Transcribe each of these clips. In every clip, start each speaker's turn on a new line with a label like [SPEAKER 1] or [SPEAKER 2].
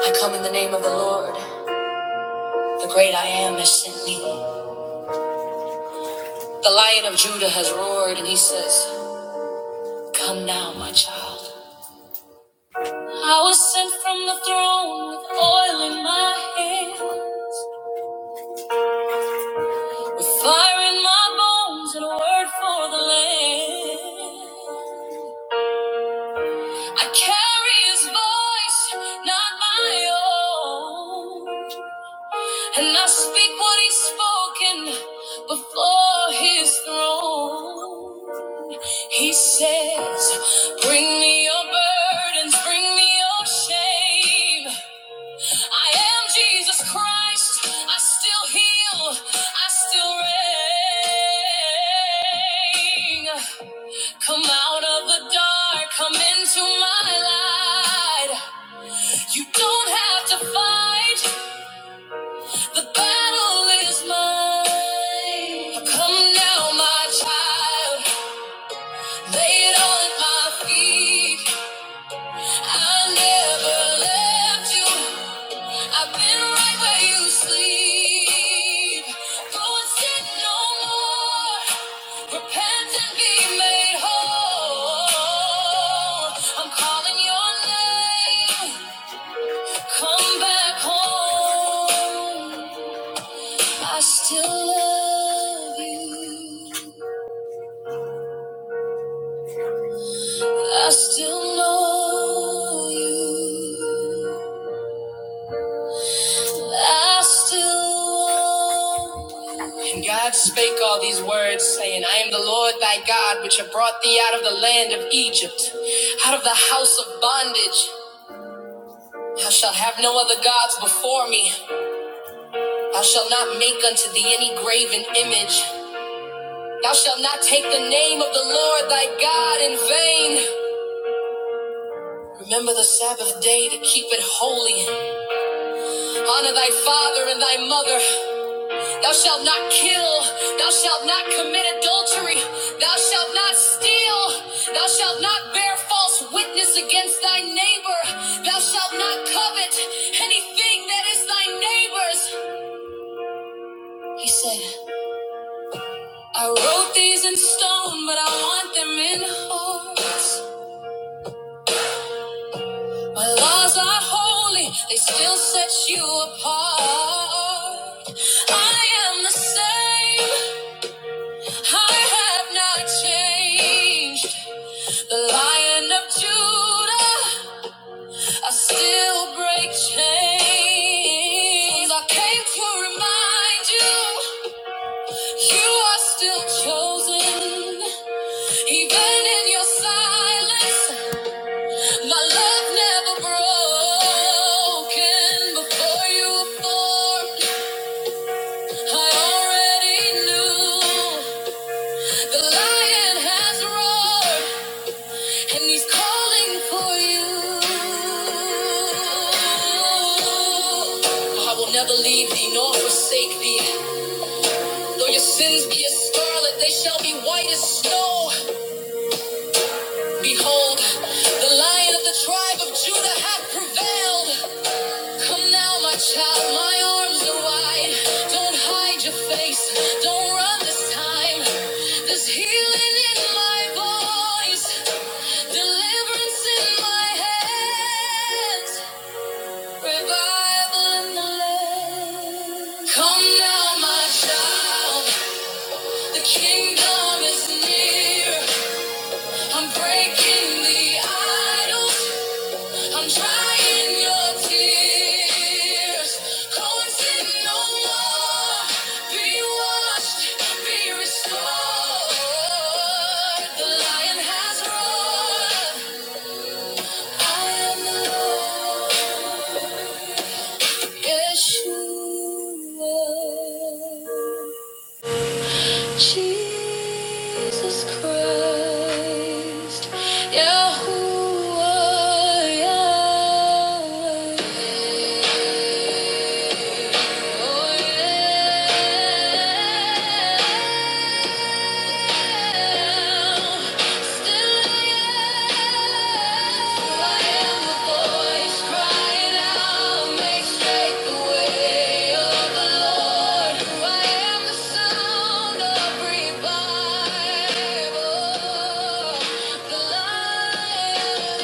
[SPEAKER 1] I come in the name of the Lord, the great I am has sent me. The lion of Judah has roared, and he says, Come now, my child. I was sent from the throne with oil in my hands, with fire in my bones, and a word for the land. I carry his voice, not my own. And I speak what he's spoken before his throne. He says, Bring me your burdens, bring me your shame. I am Jesus Christ. I still heal, I still reign. Come out of the dark, come into my light. You don't have to fight. The battle is mine. Come now, my child. Lay it all at my feet. I never left you. I've been right where you sleep. Go and sin no more. Repent and be made whole. I'm calling your name. Come back home. I still love you. I still know you. I still want you. And God spake all these words, saying, I am the Lord thy God, which have brought thee out of the land of Egypt, out of the house of bondage. Thou shalt have no other gods before me. Thou shalt not make unto thee any graven image. Thou shalt not take the name of the Lord thy God in vain. Remember the Sabbath day to keep it holy. Honor thy father and thy mother. Thou shalt not kill. Thou shalt not commit adultery. Thou shalt not steal. Thou shalt not bear false witness against thy neighbor. Thou shalt not covet anything that is thy neighbor's. He said, I wrote these in stone, but I want them in hearts. My laws are holy, they still set you apart. I am the same, I have not changed. The lion of Judah, I still break chains. I came to remind you, you are still chosen. Even in your silence, My love never broken before you were born. I already knew the lion has roared and he's calling for you. I will never leave thee nor forsake thee. Though your sins be as scarlet, they shall be white as snow. Behold, the lion of the tribe of Judah hath prevailed. Come now, my child, my arms are wide. Don't hide your face, don't run this time. There's healing in my voice, deliverance in my hands, revival in the land. Come now, my child, the kingdom is near. I'm breaking the idols. I'm trying your tears. Cohen said no more. Be washed, be restored. The lion has roared. I am the Lord, Yeshua. Jesus Christ, Yahuwah, Yahweh. The light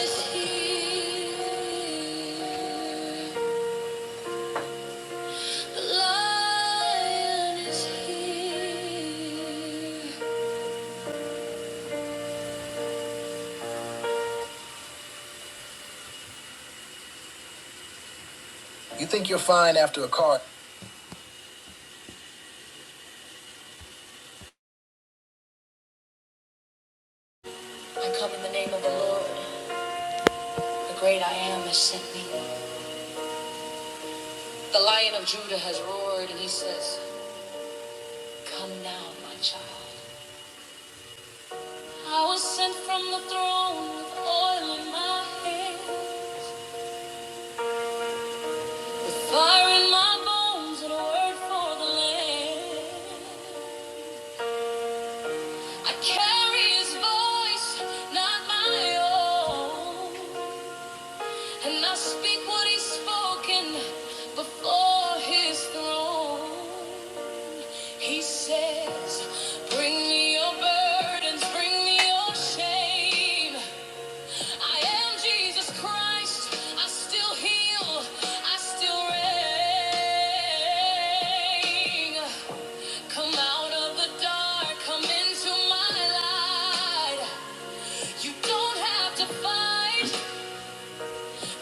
[SPEAKER 1] is here. You think you're fine after a car? I come in the name of the Lord, the great I am has sent me. The lion of Judah has roared and he says, Come now, my child. I was sent from the throne with oil in my head, with fire in my bones and a word for the land. I carry his voice, not my own. And I speak what he's spoken before his throne. He says, Bring me your burdens, bring me your shame. I am Jesus Christ. I still heal, I still reign. Come out of the dark, come into my light. You don't have to fight.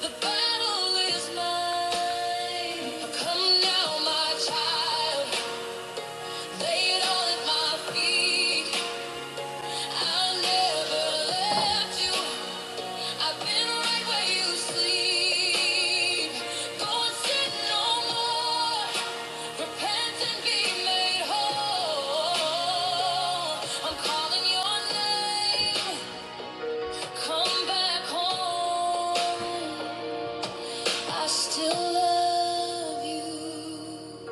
[SPEAKER 1] The battle is mine. Come now, my child. Lay it all at my feet. I'll never left you. I've been right where you sleep. Don't sin no more. Repent and be made whole. I'm calling your name. Come back home. I still love you.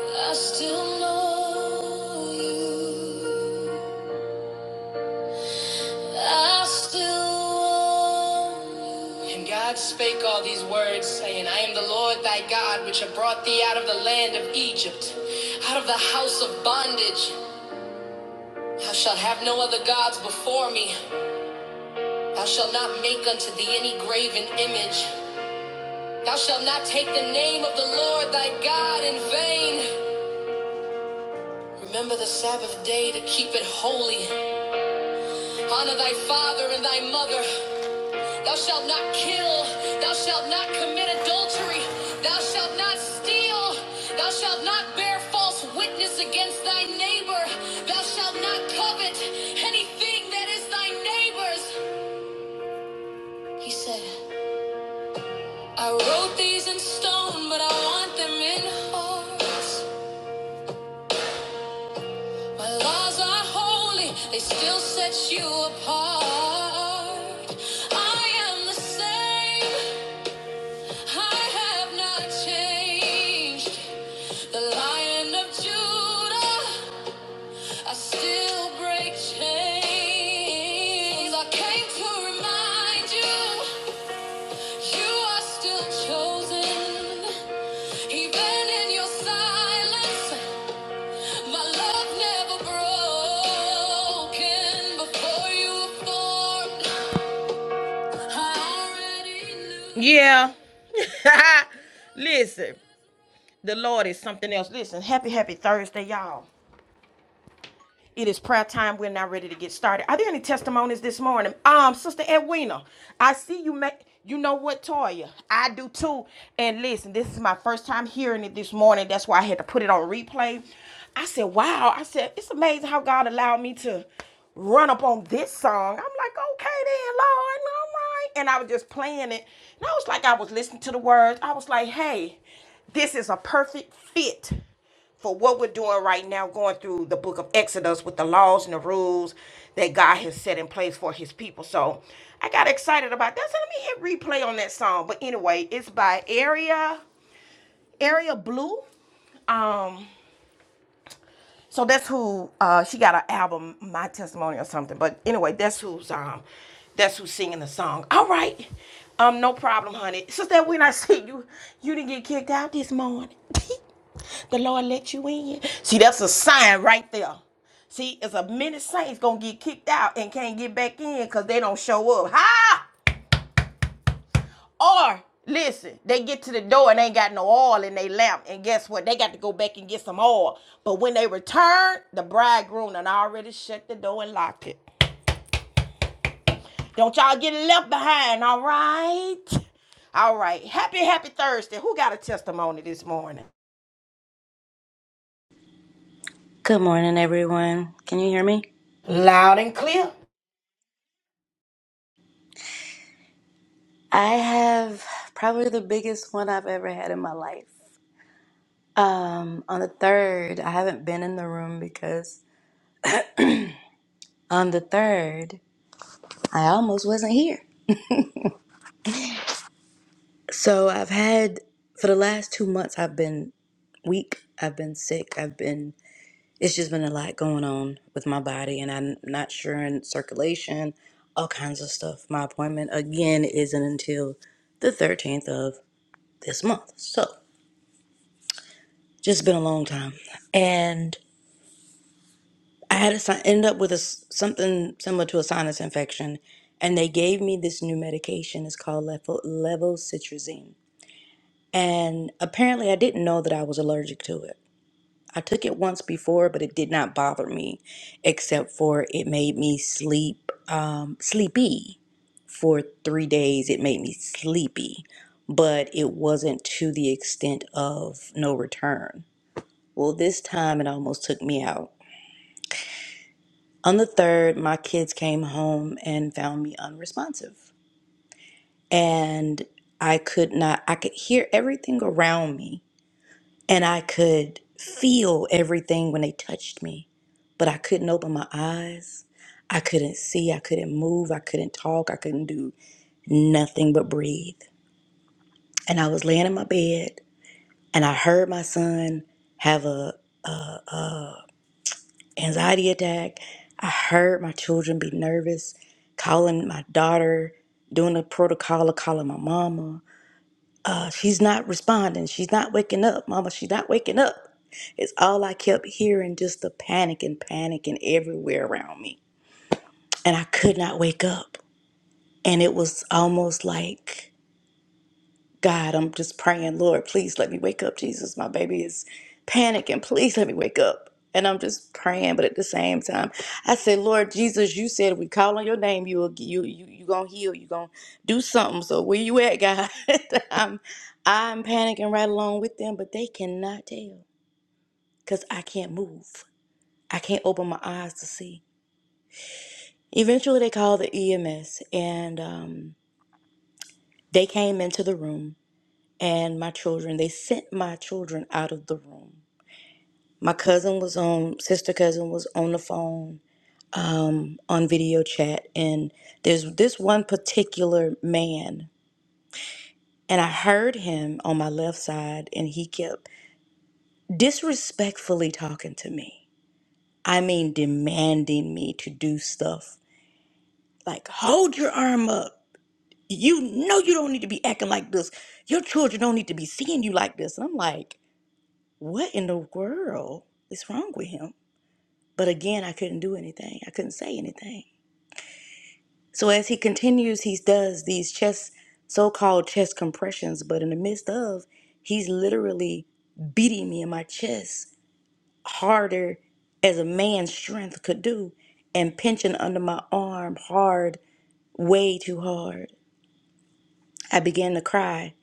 [SPEAKER 1] I still know you. I still want you. And God spake all these words, saying, I am the Lord thy God, which have brought thee out of the land of Egypt, out of the house of bondage. Thou shalt have no other gods before me. Thou shalt not make unto thee any graven image. Thou shalt not take the name of the Lord thy God in vain. Remember the Sabbath day to keep it holy. Honor thy father and thy mother. Thou shalt not kill. Thou shalt not commit adultery. Thou shalt not steal. Thou shalt not bear false witness against thy neighbor. Thou shalt not covet anything that is thy neighbor's. He said, I wrote these in stone, but I want them in hearts. My laws are holy, they still set you apart. I am the same, I have not changed. The lion of Judah, I still break chains. I came to remind you, you are still chosen. Even in your silence, Yeah. Listen, the Lord is something else. Listen, happy, happy Thursday, y'all. It is prayer time. We're now ready to get started. Are there any testimonies this morning? Um, Sister Edwina, I see you make you know what, Toya? I do too. And listen, this is my first time hearing it this morning. That's why I had to put it on replay. I said, wow. I said, it's amazing how God allowed me to run up on this song. I'm like, okay then, Lord, all right. And I was just playing it. And I was like, I was listening to the words. I was like, hey, this is a perfect fit for what we're doing right now, going through the book of Exodus with the laws and the rules that God has set in place for his people. So I got excited about that. So let me hit replay on that song. But anyway, it's by Area Area Blue. Um. So that's who uh, she got an album, My Testimony or something. But anyway, that's who's um, that's who's singing the song. All right, um, no problem, honey. Sister, when I see you, you didn't get kicked out this morning. the Lord let you in. See, that's a sign right there. See, it's a many saints gonna get kicked out and can't get back in because they don't show up. Ha! Or listen, they get to the door and they ain't got no oil in their lamp, and guess what? They got to go back and get some oil. But when they return, the bridegroom done already shut the door and locked it. Don't y'all get left behind, all right? All right. Happy, happy Thursday. Who got a testimony this morning?
[SPEAKER 2] Good morning, everyone. Can you hear me?
[SPEAKER 1] Loud and clear.
[SPEAKER 2] I have probably the biggest one I've ever had in my life. Um, on the third, I haven't been in the room because on the third, I almost wasn't here. So I've had for the last two months, I've been weak. I've been sick. I've been. It's just been a lot going on with my body, and I'm not sure in circulation, all kinds of stuff. My appointment again isn't until the 13th of this month. So. Just been a long time. And I had to si- end up with a, s- something similar to a sinus infection. And they gave me this new medication. It's called levo, levocitrazine. And apparently, I didn't know that I was allergic to it. I took it once before, but it did not bother me, except for it made me sleep um, sleepy for three days. It made me sleepy, but it wasn't to the extent of no return. Well, this time it almost took me out. On the third, my kids came home and found me unresponsive. And I could not, I could hear everything around me and I could feel everything when they touched me, but I couldn't open my eyes. I couldn't see. I couldn't move. I couldn't talk. I couldn't do nothing but breathe. And I was laying in my bed and I heard my son have a anxiety attack. I heard my children be nervous, calling my daughter, doing the protocol of calling my mama. Uh, she's not responding. She's not waking up, mama. She's not waking up. It's all I kept hearing just the panic and panic and everywhere around me. And I could not wake up. And it was almost like God, I'm just praying, Lord, please let me wake up. Jesus, my baby is panicking. Please let me wake up. And I'm just praying, but at the same time, I say, Lord Jesus, you said if we call on your name, you will you you you gonna heal, you gonna do something. So where you at, God? I'm I'm panicking right along with them, but they cannot tell because I can't move. I can't open my eyes to see. Eventually, they called the EMS, and um, they came into the room and my children. They sent my children out of the room. My cousin was on, sister cousin was on the phone um, on video chat, and there's this one particular man, and I heard him on my left side, and he kept disrespectfully talking to me. I mean, demanding me to do stuff like hold your arm up. You know you don't need to be acting like this. Your children don't need to be seeing you like this. And I'm like, what in the world is wrong with him? But again, I couldn't do anything. I couldn't say anything. So as he continues, he does these chest, so-called chest compressions, but in the midst of, he's literally beating me in my chest harder as a man's strength could do and pinching under my arm hard, way too hard. I began to cry.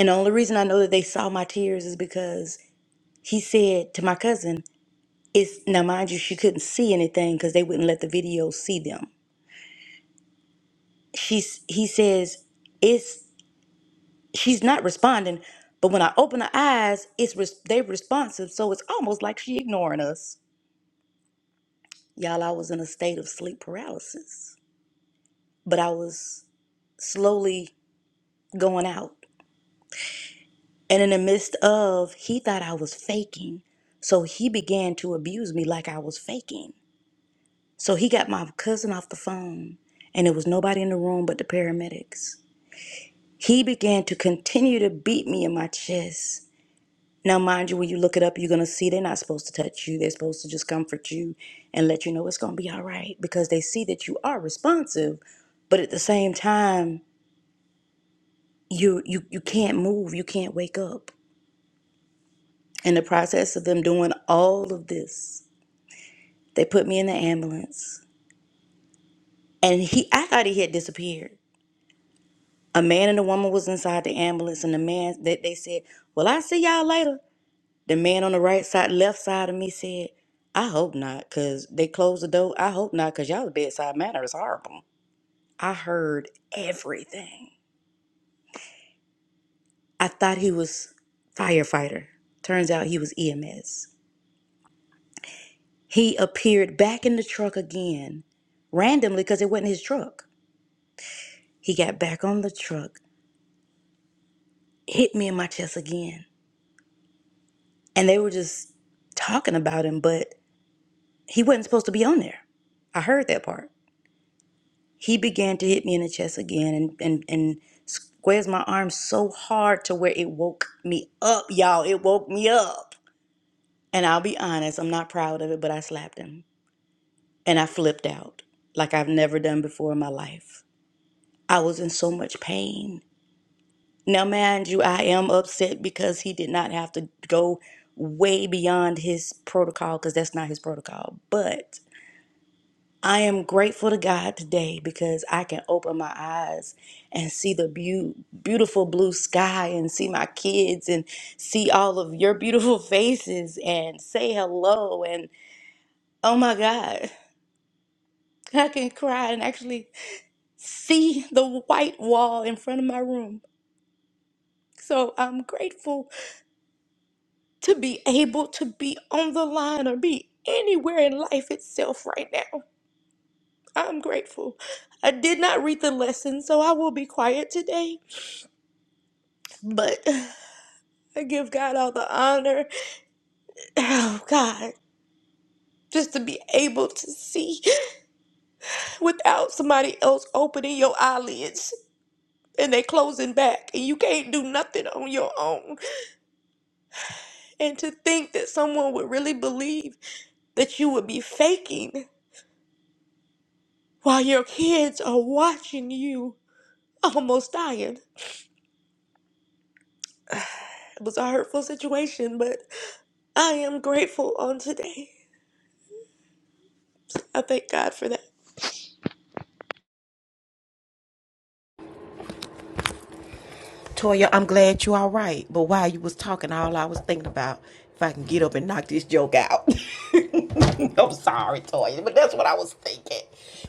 [SPEAKER 2] And the only reason I know that they saw my tears is because he said to my cousin, it's now mind you, she couldn't see anything because they wouldn't let the video see them she's he says it's she's not responding but when i open her eyes it's res- they responsive so it's almost like she ignoring us y'all i was in a state of sleep paralysis but i was slowly going out and in the midst of he thought i was faking so he began to abuse me like i was faking so he got my cousin off the phone and there was nobody in the room but the paramedics he began to continue to beat me in my chest Now, mind you, when you look it up, you're going to see they're not supposed to touch you. They're supposed to just comfort you and let you know it's going to be all right because they see that you are responsive. But at the same time, you, you, you can't move. You can't wake up. In the process of them doing all of this, they put me in the ambulance. And he, I thought he had disappeared. A man and a woman was inside the ambulance, and the man, they, they said, well, i see y'all later. The man on the right side, left side of me said, I hope not, because they closed the door. I hope not, because y'all bedside manner is horrible. I heard everything. I thought he was firefighter. Turns out he was EMS. He appeared back in the truck again, randomly, because it wasn't his truck. He got back on the truck, hit me in my chest again. And they were just talking about him, but he wasn't supposed to be on there. I heard that part. He began to hit me in the chest again and, and, and squares my arm so hard to where it woke me up, y'all. It woke me up. And I'll be honest, I'm not proud of it, but I slapped him. And I flipped out like I've never done before in my life. I was in so much pain. Now, mind you, I am upset because he did not have to go way beyond his protocol because that's not his protocol. But I am grateful to God today because I can open my eyes and see the beau- beautiful blue sky and see my kids and see all of your beautiful faces and say hello. And oh my God, I can cry and actually see the white wall in front of my room. So I'm grateful to be able to be on the line or be anywhere in life itself right now. I'm grateful. I did not read the lesson, so I will be quiet today But I give God all the honor. Oh, God. Just to be able to see without somebody else opening your eyelids and they closing back and you can't do nothing on your own. And to think that someone would really believe that you would be faking while your kids are watching you almost dying. It was a hurtful situation, but I am grateful on today. I thank God for that.
[SPEAKER 1] Toya, I'm glad you all right. But while you was talking, all I was thinking about if I can get up and knock this joke out. I'm sorry, Toya, but that's what I was thinking.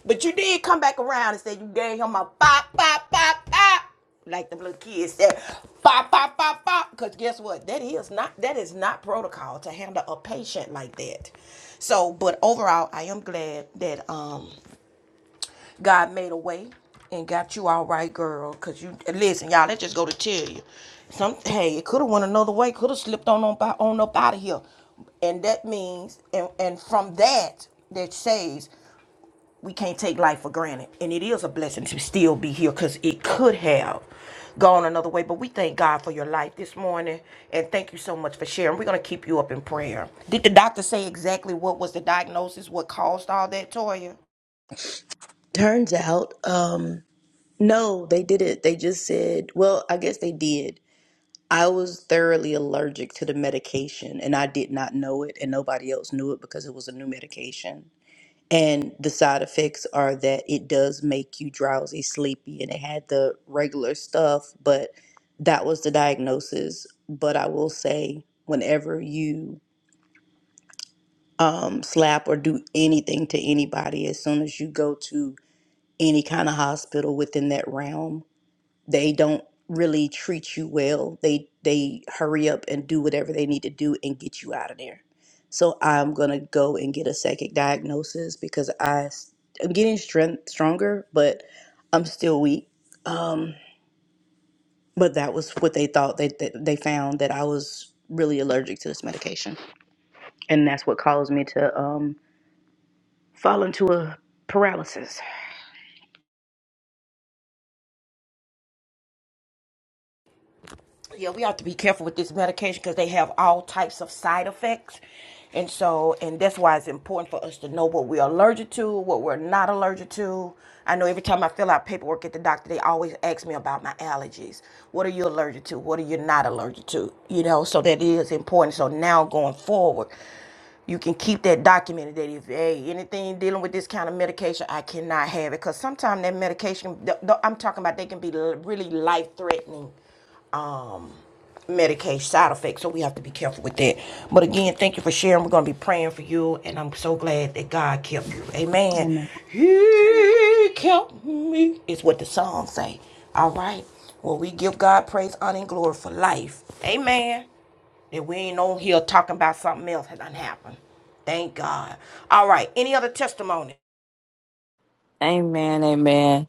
[SPEAKER 1] But you did come back around and said you gave him a pop, pop, pop, pop. Like the little kids said, pop, pop, pop, pop. Cause guess what? That is not that is not protocol to handle a patient like that. So, but overall, I am glad that um God made a way and got you all right, girl. Cause you listen, y'all. Let's just go to tell you. Some hey, it could have went another way. Could have slipped on on, on up out of here, and that means and and from that that says we can't take life for granted, and it is a blessing to still be here, cause it could have gone another way. But we thank God for your life this morning, and thank you so much for sharing. We're gonna keep you up in prayer. Did the doctor say exactly what was the diagnosis? What caused all that, Toya?
[SPEAKER 2] Turns out, um, No, they didn't. They just said, well, I guess they did. I was thoroughly allergic to the medication and I did not know it, and nobody else knew it because it was a new medication. And the side effects are that it does make you drowsy, sleepy, and it had the regular stuff, but that was the diagnosis. But I will say, whenever you um, slap or do anything to anybody, as soon as you go to any kind of hospital within that realm, they don't really treat you well. They they hurry up and do whatever they need to do and get you out of there. So I'm gonna go and get a second diagnosis because i s- I'm getting strength stronger, but I'm still weak. Um, but that was what they thought. They they, they found that I was really allergic to this medication, and that's what caused me to um fall into a paralysis.
[SPEAKER 1] Yeah, we have to be careful with this medication because they have all types of side effects. And so, and that's why it's important for us to know what we're allergic to, what we're not allergic to. I know every time I fill out paperwork at the doctor, they always ask me about my allergies. What are you allergic to? What are you not allergic to? You know, so that is important. So now going forward, you can keep that documented that if hey anything dealing with this kind of medication i cannot have it because sometimes that medication the, the- i'm talking about they can be l- really life threatening um Medicaid side effects, so we have to be careful with that. But again, thank you for sharing. We're gonna be praying for you, and I'm so glad that God kept you. Amen.
[SPEAKER 2] Amen.
[SPEAKER 1] He kept me is what the song say. All right. Well, we give God praise, honor, and glory for life. Amen. That we ain't on here talking about something else that done happened. Thank God. All right. Any other testimony?
[SPEAKER 3] Amen, amen.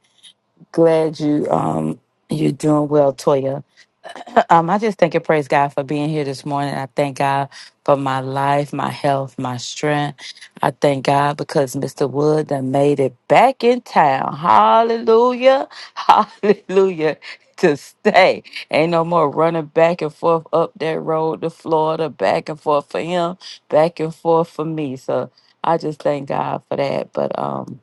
[SPEAKER 3] Glad you um you're doing well, Toya. Um, I just thank and praise God for being here this morning. I thank God for my life, my health, my strength. I thank God because Mr. Wood done made it back in town. Hallelujah. Hallelujah. To stay. Ain't no more running back and forth up that road to Florida, back and forth for him, back and forth for me. So I just thank God for that. But um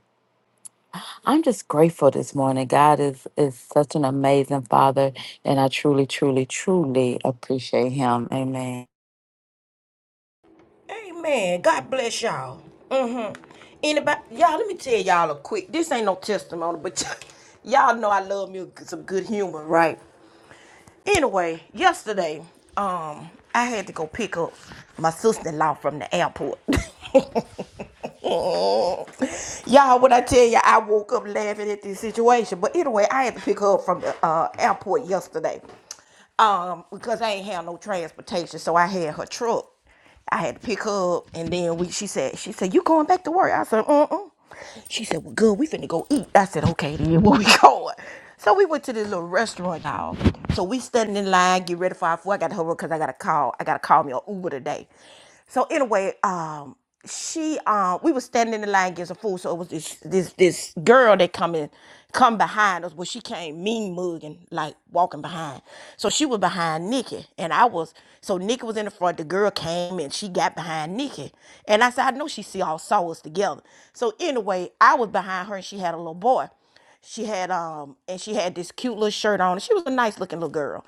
[SPEAKER 3] I'm just grateful this morning. God is is such an amazing Father, and I truly, truly, truly appreciate Him. Amen.
[SPEAKER 1] Amen. God bless y'all. Mm-hmm. Anybody, y'all, let me tell y'all a quick. This ain't no testimony, but y'all know I love me some good humor, right? Anyway, yesterday, um, I had to go pick up my sister-in-law from the airport. Y'all, when I tell you, I woke up laughing at this situation. But anyway, I had to pick her up from the uh, airport yesterday um, because I ain't have no transportation, so I had her truck. I had to pick her up, and then we. She said, "She said you going back to work?" I said, "Uh uh." She said, "Well, good. We finna go eat." I said, "Okay, then where we going?" So we went to this little restaurant, y'all. So we standing in line, get ready for our food. I got to hurry up because I got to call. I got to call me on Uber today. So anyway, um she uh we was standing in the line against a food, so it was this this this girl that come in come behind us. Well she came mean mugging, like walking behind. So she was behind Nikki and I was so Nikki was in the front, the girl came and she got behind Nikki. And I said, I know she see all saw us together. So anyway, I was behind her and she had a little boy she had um and she had this cute little shirt on. She was a nice looking little girl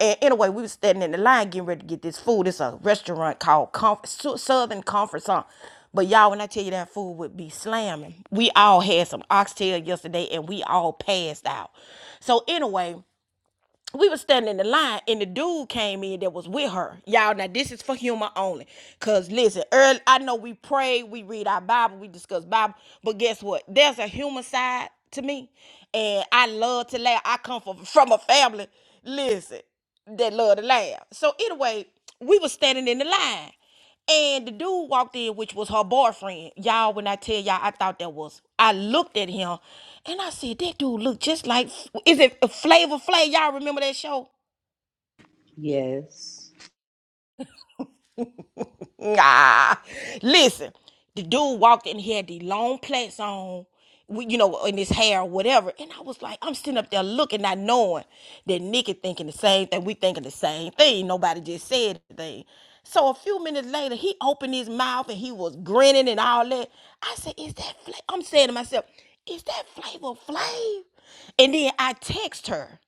[SPEAKER 1] and anyway, we was standing in the line getting ready to get this food. It's a restaurant called Conf- Southern Conference. Huh? But y'all, when I tell you that food would be slamming, we all had some oxtail yesterday and we all passed out. So anyway, we was standing in the line and the dude came in that was with her. Y'all, now this is for humor only. Cause listen, early, I know we pray, we read our Bible, we discuss Bible, but guess what? There's a human side to me. And I love to laugh. I come from from a family, listen, that love to laugh. So anyway, we was standing in the line. And the dude walked in, which was her boyfriend. Y'all, when I tell y'all, I thought that was. I looked at him, and I said, "That dude look just like. Is it Flavor Flav? Y'all remember that show?
[SPEAKER 2] Yes.
[SPEAKER 1] Nah. Listen, the dude walked in, here, the long plaits on, you know, in his hair or whatever. And I was like, I'm sitting up there looking, not knowing that Nikki thinking the same thing. We thinking the same thing. Nobody just said anything. So a few minutes later, he opened his mouth and he was grinning and all that. I said, Is that flavor? I'm saying to myself, Is that flavor Flav? And then I text her.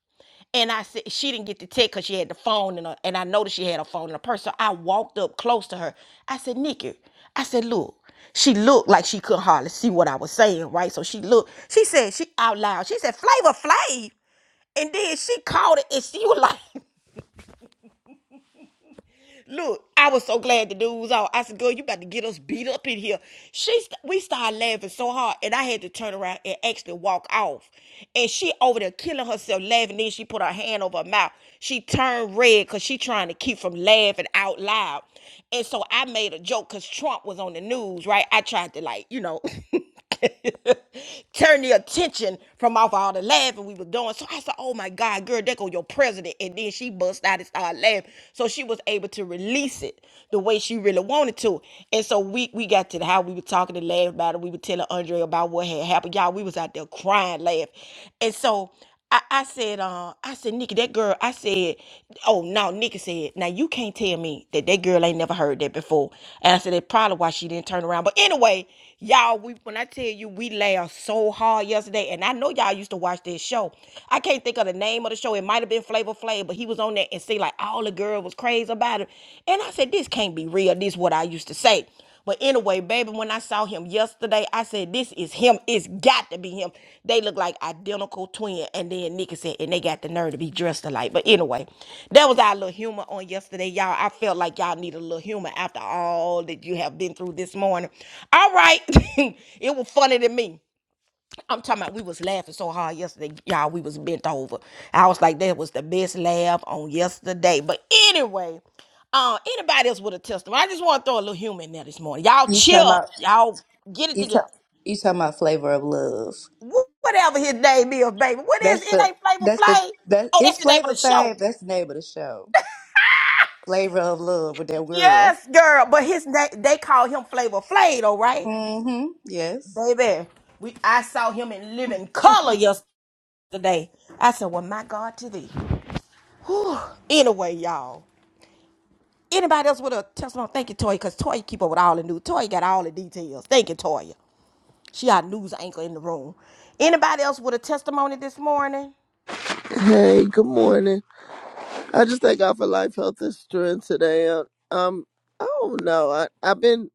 [SPEAKER 1] And I said she didn't get the text because she had the phone in her, and I noticed she had her phone in her purse. So I walked up close to her. I said, Nikki, I said, look. She looked like she couldn't hardly see what I was saying, right? So she looked, she said, she out loud, she said, Flavor Flav. And then she called it and she was like, Look, I was so glad the dude was out. I said, girl, you about to get us beat up in here. She, st- we started laughing so hard, and I had to turn around and actually walk off. And she over there killing herself laughing. Then she put her hand over her mouth. She turned red because she trying to keep from laughing out loud. And so I made a joke because Trump was on the news, right? I tried to like, you know. Turn the attention from off all the laughing we were doing. So I said, Oh my God, girl, there go your president. And then she bust out and started laughing. So she was able to release it the way she really wanted to. And so we we got to the how we were talking and laugh about it. We were telling Andre about what had happened. Y'all, we was out there crying, laugh. And so I, I said, uh, I said, Nikki, that girl, I said, oh no, Nikki said, now you can't tell me that that girl ain't never heard that before. And I said, that's probably why she didn't turn around. But anyway, y'all, we when I tell you we laughed so hard yesterday, and I know y'all used to watch this show. I can't think of the name of the show. It might have been Flavor Flav, but he was on there and see like all the girl was crazy about it. And I said, this can't be real. This is what I used to say. But anyway, baby, when I saw him yesterday, I said, This is him. It's got to be him. They look like identical twins, And then Nikki said, and they got the nerve to be dressed alike. But anyway, that was our little humor on yesterday. Y'all, I felt like y'all need a little humor after all that you have been through this morning. All right. it was funny to me. I'm talking about we was laughing so hard yesterday, y'all. We was bent over. I was like, that was the best laugh on yesterday. But anyway, uh, anybody else with a testimony? I just want to throw a little humor in there this morning. Y'all
[SPEAKER 2] You talking
[SPEAKER 1] chill.
[SPEAKER 2] about
[SPEAKER 1] Y'all get it
[SPEAKER 2] you,
[SPEAKER 1] together.
[SPEAKER 2] ta- you talking about flavor of love?
[SPEAKER 1] Wh- Whatever his name is, baby. What is
[SPEAKER 2] That's
[SPEAKER 1] it?
[SPEAKER 2] the
[SPEAKER 1] Ain't Flavor
[SPEAKER 2] that's the
[SPEAKER 1] Flav?
[SPEAKER 2] that
[SPEAKER 1] Oh, that's
[SPEAKER 2] it's
[SPEAKER 1] the name of
[SPEAKER 2] Flavor
[SPEAKER 1] the
[SPEAKER 2] Fave.
[SPEAKER 1] show.
[SPEAKER 2] That's the name of the show. Flavor of Love with that girl.
[SPEAKER 1] Yes, girl. But his name they call him Flavor Flav, all right,
[SPEAKER 2] Mm-hmm. Yes.
[SPEAKER 1] baby. We I saw him in living color yesterday. I said, well, my God, to thee. Whew. Anyway, y'all. Anybody else with a testimony? Thank you, Toya, because Toya keep up with all the news. Toya got all the details. Thank you, Toya. She our news anchor in the room. Anybody else with a testimony this morning?
[SPEAKER 4] Hey, good morning. I just thank God for life, health, and strength today. Uh, Um, I don't know. I I've been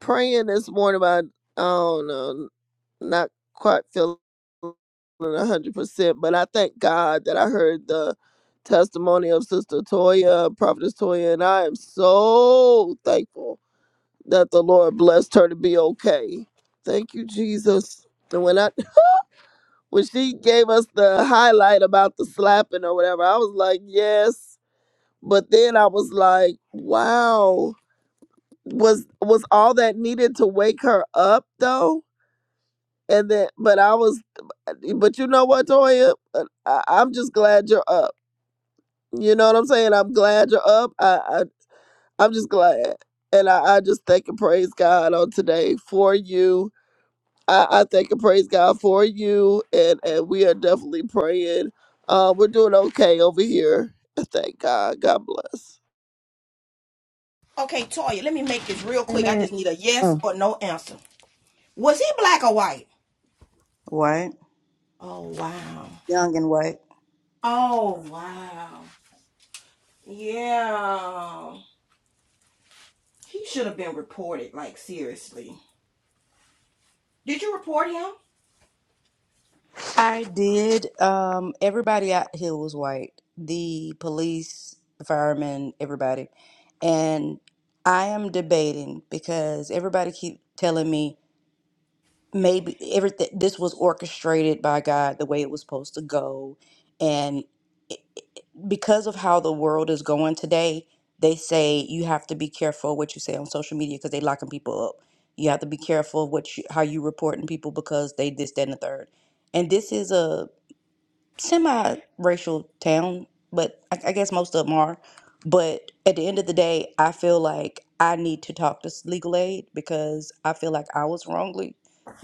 [SPEAKER 4] praying this morning, but I, I don't know, not quite feeling a hundred percent. But I thank God that I heard the testimony of Sister Toya, Prophetess Toya, and I am so thankful that the Lord blessed her to be okay. Thank you, Jesus. And when I when she gave us the highlight about the slapping or whatever, I was like, yes. But then I was like, wow, was was all that needed to wake her up though? And then, but I was, but you know what, Toya, Uh, I, I'm just glad you're up. You know what I'm saying? I'm glad you're up. I, I I'm just glad, and I, I just thank and praise God on today for you I, I thank and praise God for you, and, and we are definitely praying. Uh, we're doing okay over here. Thank God. God bless.
[SPEAKER 1] Okay, Toya, let me make this real quick. I
[SPEAKER 5] Amen.
[SPEAKER 1] just need a yes
[SPEAKER 5] Oh,
[SPEAKER 1] or no answer. Was he black or white?
[SPEAKER 2] White.
[SPEAKER 1] Oh wow.
[SPEAKER 2] Young and white.
[SPEAKER 1] Oh wow. Yeah. He should have been reported, like seriously. Did you report him?
[SPEAKER 2] I did. Um everybody out here was white. The police, the firemen, everybody. And I am debating because everybody keep telling me maybe everything this was orchestrated by God the way it was supposed to go and it, it- because of how the world is going today they say you have to be careful what you say on social media because they locking people up you have to be careful what you, how you reporting people because they this that and the third and this is a semi-racial town, but I, I guess most of them are. But at the end of the day, I feel like I need to talk to s- legal aid because I feel like I was wrongly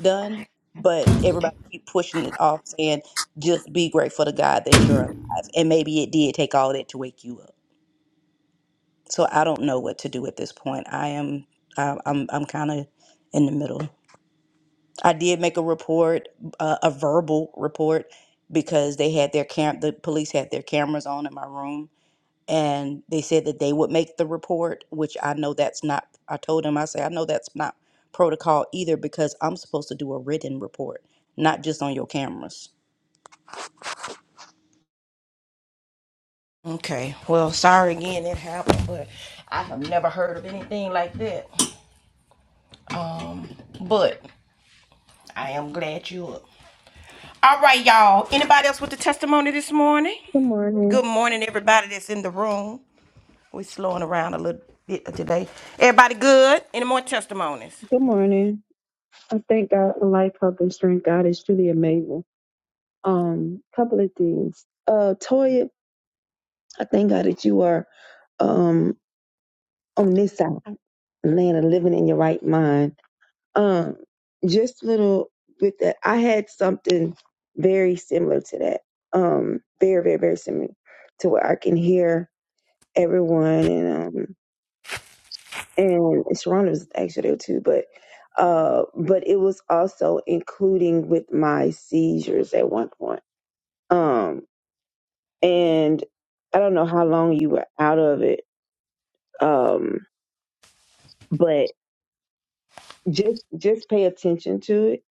[SPEAKER 2] done. But everybody keep pushing it off, saying just be grateful to God that you're alive, and maybe it did take all that to wake you up. So I don't know what to do at this point. I am, I'm, I'm kind of in the middle. I did make a report, uh, a verbal report, because they had their camp, the police had their cameras on in my room, and they said that they would make the report, which I know that's not, I told them, I said, I know that's not protocol either, because I'm supposed to do a written report, not just on your cameras.
[SPEAKER 1] Okay. Well, sorry again it happened, but I have never heard of anything like that. Um, but I am glad you up. All right, y'all. Anybody else with the testimony this morning?
[SPEAKER 5] good
[SPEAKER 1] Good
[SPEAKER 5] morning.
[SPEAKER 1] morning, everybody that's in the room. We're slowing around a little bit today. Everybody good? Any more testimonies?
[SPEAKER 5] Good morning. I thank God for life, health, and strength. God is truly amazing. Um, couple of things. Uh, Toya, I thank God that you are um on this side, land of living in your right mind. Um, just little with that, I had something very similar to that. Um, very, very, very similar to where I can hear everyone, and um, and Sharonda was actually there too, but uh but it was also including with my seizures at one point. Um and I don't know how long you were out of it. Um but just just pay attention to it.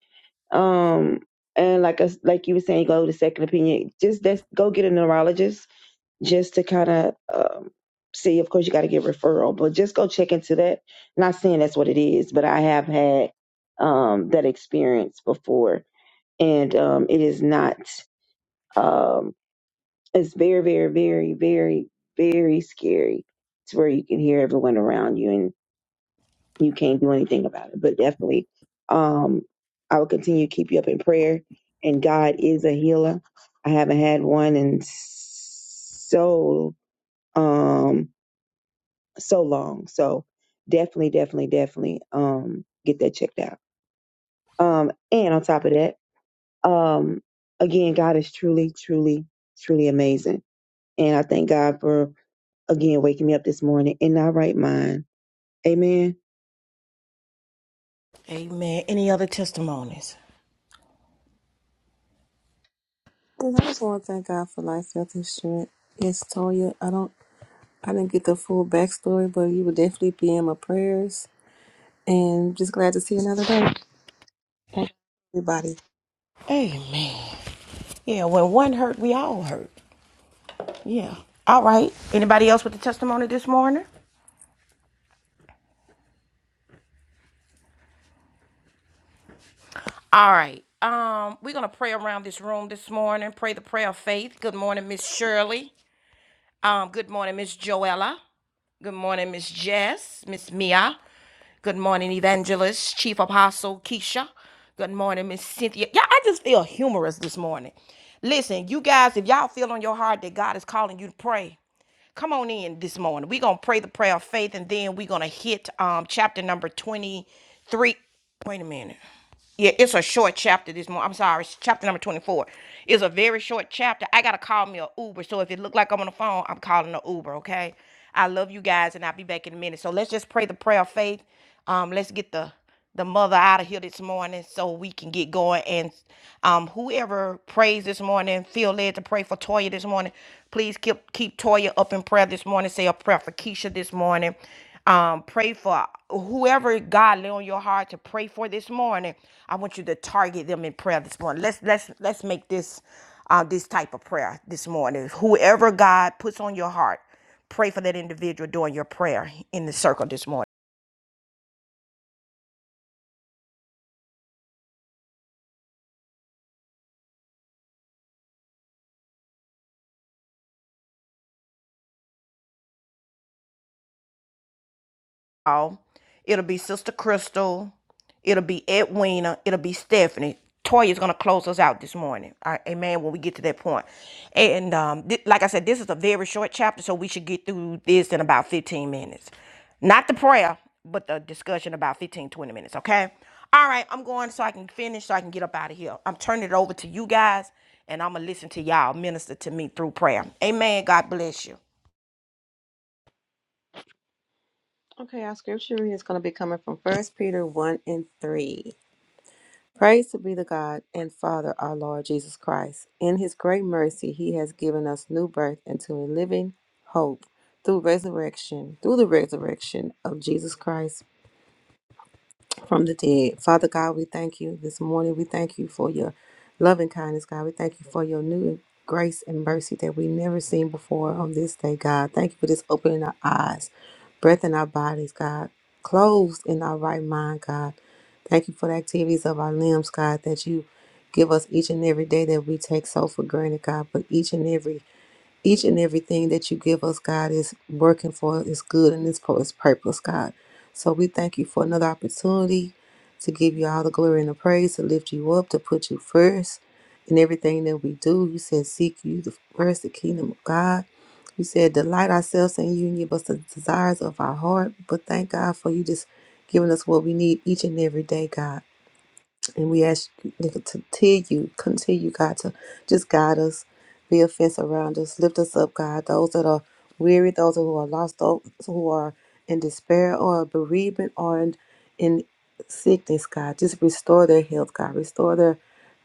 [SPEAKER 5] Um and like us like you were saying, go to second opinion. Just that's, go get a neurologist just to kind of um, see. Of course, you got to get referral, but just go check into that. Not saying that's what it is, but I have had um, that experience before, and um, it is not. Um, it's very, very, very, very, very scary. It's where you can hear everyone around you, and you can't do anything about it. But definitely, um, I will continue to keep you up in prayer. And God is a healer. I haven't had one in so um so long. So definitely, definitely, definitely um get that checked out. Um and on top of that, um again, God is truly, truly, truly amazing. And I thank God for again waking me up this morning in my right mind. Amen.
[SPEAKER 1] Amen. Any other testimonies?
[SPEAKER 6] Then I just want to thank God for life, health, and strength. Yes, Toya, I don't, I didn't get the full backstory, but you would definitely be in my prayers, and just glad to see another day. Thank you, everybody.
[SPEAKER 1] Amen. Yeah, when one hurt, we all hurt. Yeah. All right. Anybody else with the testimony this morning? All right. Um, we're gonna pray around this room this morning. Pray the prayer of faith. Good morning, Miss Shirley. Um, good morning, Miss Joella. Good morning, Miss Jess, Miss Mia. Good morning, Evangelist, Chief Apostle Keisha. Good morning, Miss Cynthia. Yeah, I just feel humorous this morning. Listen, you guys, if y'all feel on your heart that God is calling you to pray, come on in this morning. We're gonna pray the prayer of faith, and then we're gonna hit um chapter number 23. Wait a minute. Yeah, it's a short chapter this morning. I'm sorry, it's chapter number 24. It's a very short chapter. I gotta call me a Uber. So if it look like I'm on the phone, I'm calling a Uber, okay? I love you guys and I'll be back in a minute. So let's just pray the prayer of faith. Um, let's get the the mother out of here this morning so we can get going. And um whoever prays this morning, feel led to pray for Toya this morning. Please keep keep Toya up in prayer this morning. Say a prayer for Keisha this morning. Um, pray for whoever God lay on your heart to pray for this morning. I want you to target them in prayer this morning. Let's let's let's make this uh, this type of prayer this morning. Whoever God puts on your heart, pray for that individual during your prayer in the circle this morning. Paul. It'll be Sister Crystal. It'll be Edwina. It'll be Stephanie. Toya's gonna close us out this morning. All right, amen. When we get to that point, and um, like I said, this is a very short chapter, so we should get through this in about 15 minutes. Not the prayer, but the discussion about 15 20 minutes. Okay. All right, I'm going so I can finish, so I can get up out of here. I'm turning it over to you guys, and I'm gonna listen to y'all minister to me through prayer. Amen. God bless you.
[SPEAKER 6] Okay, our scripture reading is going to be coming from First Peter one and three. Praise to be the God and Father our Lord Jesus Christ. In His great mercy, He has given us new birth into a living hope through resurrection, through the resurrection of Jesus Christ from the dead. Father God, we thank you this morning. We thank you for your loving kindness, God. We thank you for your new grace and mercy that we never seen before on this day, God. Thank you for just opening our eyes, breath in our bodies, God. Closed in our right mind, God. Thank you for the activities of our limbs, God, that you give us each and every day that we take so for granted, God. But each and every each and everything that you give us, God, is working for is good and is for its purpose, God. So we thank you for another opportunity to give you all the glory and the praise, to lift you up, to put you first in everything that we do. You said, Seek you the first, the kingdom of God. You said, Delight ourselves in you and give us the desires of our heart. But thank God for you just giving us what we need each and every day, God. And we ask you to continue, continue, God, to just guide us, be a fence around us, lift us up, God. Those that are weary, those who are lost, those who are in despair or bereavement or in, in sickness, God, just restore their health, God. Restore their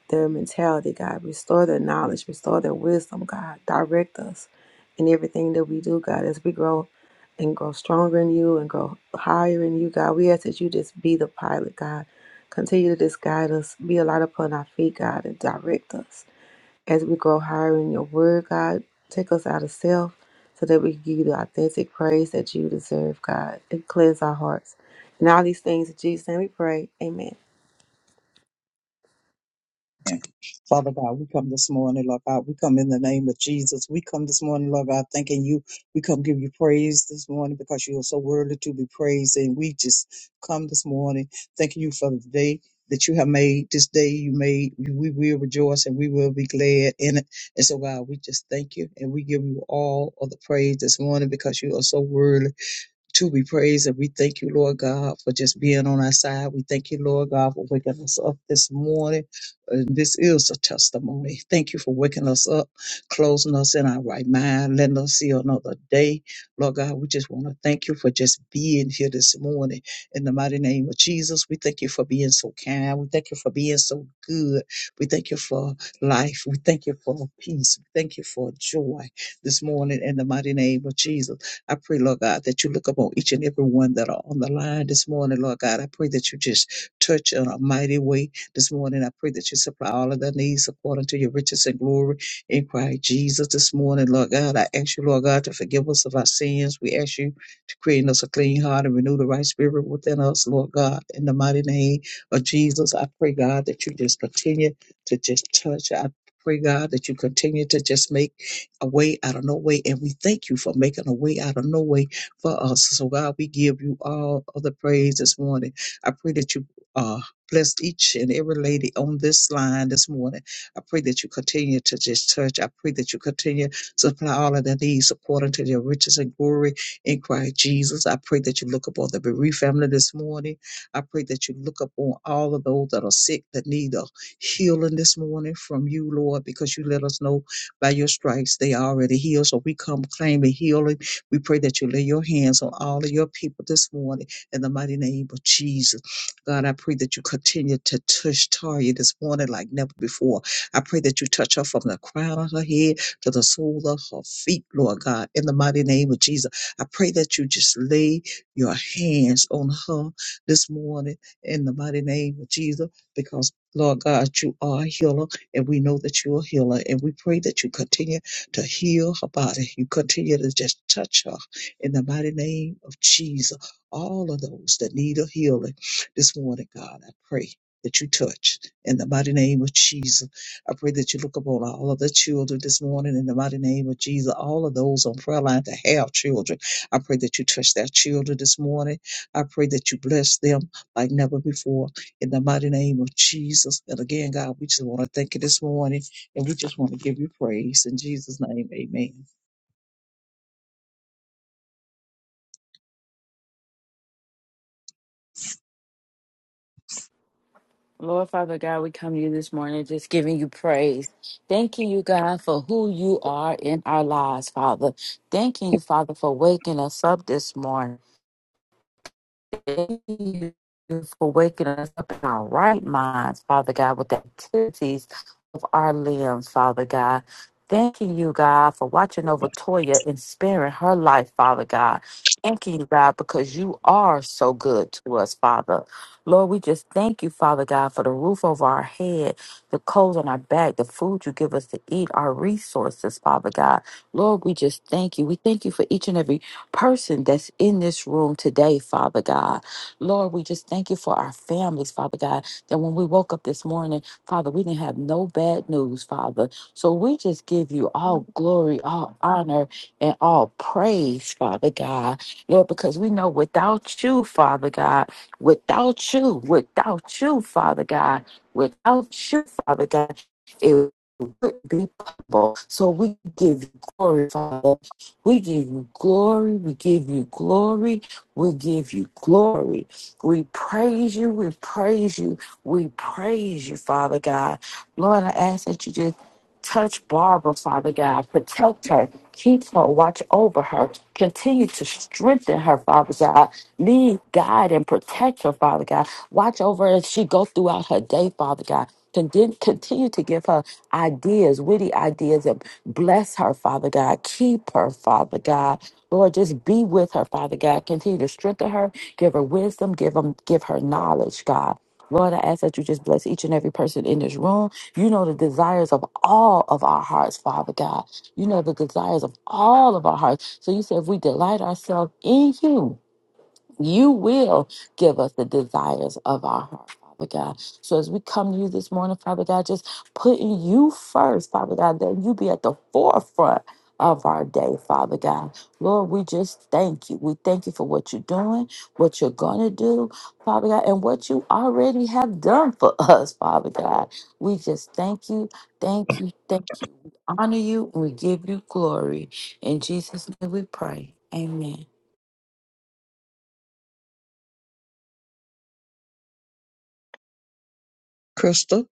[SPEAKER 6] their mentality, God. Restore their knowledge, restore their wisdom, God. Direct us in everything that we do, God, as we grow and grow stronger in you and grow higher in you, God. We ask that you just be the pilot, God. Continue to just guide us, be a light upon our feet, God, and direct us as we grow higher in your word, God. Take us out of self so that we can give you the authentic praise that you deserve, God, and cleanse our hearts. And all these things in Jesus' name we pray. Amen.
[SPEAKER 7] Father God, we come this morning, Lord God. We come in the name of Jesus. We come this morning, Lord God, thanking you. We come give you praise this morning because you are so worthy to be praised. And we just come this morning thanking you for the day that you have made. This day you made, we will rejoice and we will be glad in it. And so, God, we just thank you and we give you all of the praise this morning because you are so worthy to be praised. And we thank you, Lord God, for just being on our side. We thank you, Lord God, for waking us up this morning. And this is a testimony. Thank you for waking us up, closing us in our right mind, letting us see another day. Lord God, we just want to thank you for just being here this morning. In the mighty name of Jesus, we thank you for being so kind. We thank you for being so good. We thank you for life. We thank you for peace. We thank you for joy this morning in the mighty name of Jesus. I pray, Lord God, that you look upon each and every one that are on the line this morning, Lord God. I pray that you just touch in a mighty way this morning. I pray that you supply all of their needs according to your riches and glory in Christ Jesus this morning, Lord God. I ask you, Lord God, to forgive us of our sins. We ask you to create in us a clean heart and renew the right spirit within us, Lord God. In the mighty name of Jesus, I pray, God, that you just continue to just touch. I pray, God, that you continue to just make a way out of no way. And we thank you for making a way out of no way for us. So, God, we give you all of the praise this morning. I pray that you uh, bless each and every lady on this line this morning. I pray that you continue to just touch. I pray that you continue to supply all of their needs according to their riches and glory in Christ Jesus. I pray that you look upon the bereaved family this morning. I pray that you look upon all of those that are sick, that need a healing this morning from you, Lord, because you let us know by your stripes, they are already healed. So we come claiming healing. We pray that you lay your hands on all of your people this morning in the mighty name of Jesus. God, I pray that you continue to touch Taria this morning like never before. I pray that you touch her from the crown of her head to the sole of her feet, Lord God, in the mighty name of Jesus. I pray that you just lay your hands on her this morning in the mighty name of Jesus because, Lord God, you are a healer. And we know that you're a healer. And we pray that you continue to heal her body. You continue to just touch her in the mighty name of Jesus. All of those that need a healing this morning, God, I pray that you touch in the mighty name of Jesus. I pray that you look upon all of the children this morning in the mighty name of Jesus. All of those on prayer line that have children, I pray that you touch their children this morning. I pray that you bless them like never before in the mighty name of Jesus. And again, God, we just want to thank you this morning and we just want to give you praise in Jesus' name. Amen.
[SPEAKER 3] Lord Father God, we come to you this morning just giving you praise. Thanking you, God, for who you are in our lives, Father. Thanking you, Father, for waking us up this morning. Thank you for waking us up in our right minds, Father God, with the activities of our limbs, Father God. Thanking you, God, for watching over Toya and sparing her life, Father God. Thanking you, God, because you are so good to us, Father. Lord, we just thank you, Father God, for the roof over our head, the clothes on our back, the food you give us to eat, our resources, Father God. Lord, we just thank you. We thank you for each and every person that's in this room today, Father God. Lord, we just thank you for our families, Father God, that when we woke up this morning, Father, we didn't have no bad news, Father. So we just give you all glory, all honor, and all praise, Father God, Lord, because we know without you, Father God, without you, without you, Father God, without you, Father God, it would be possible. So we give you glory, Father. We give you glory. We give you glory. We give you glory. We praise you. We praise you. We praise you, Father God. Lord, I ask that you just touch Barbara, Father God. Protect her. Keep her. Watch over her. Continue to strengthen her, Father God. Lead, guide, and protect her, Father God. Watch over her as she goes throughout her day, Father God. Contin- Continue to give her ideas, witty ideas, and bless her, Father God. Keep her, Father God. Lord, just be with her, Father God. Continue to strengthen her Give her wisdom. Give them. Give her knowledge, God. Lord, I ask that you just bless each and every person in this room. You know the desires of all of our hearts, Father God. You know the desires of all of our hearts. So you said if we delight ourselves in you, you will give us the desires of our heart, Father God. So as we come to you this morning, Father God, just putting you first, Father God, that you be at the forefront of our day, Father God. Lord, we just thank you. We thank you for what you're doing, what you're going to do, Father God, and what you already have done for us, Father God. We just thank you, thank you, thank you. We honor you and we give you glory. In Jesus' name we pray. Amen.
[SPEAKER 7] Crystal,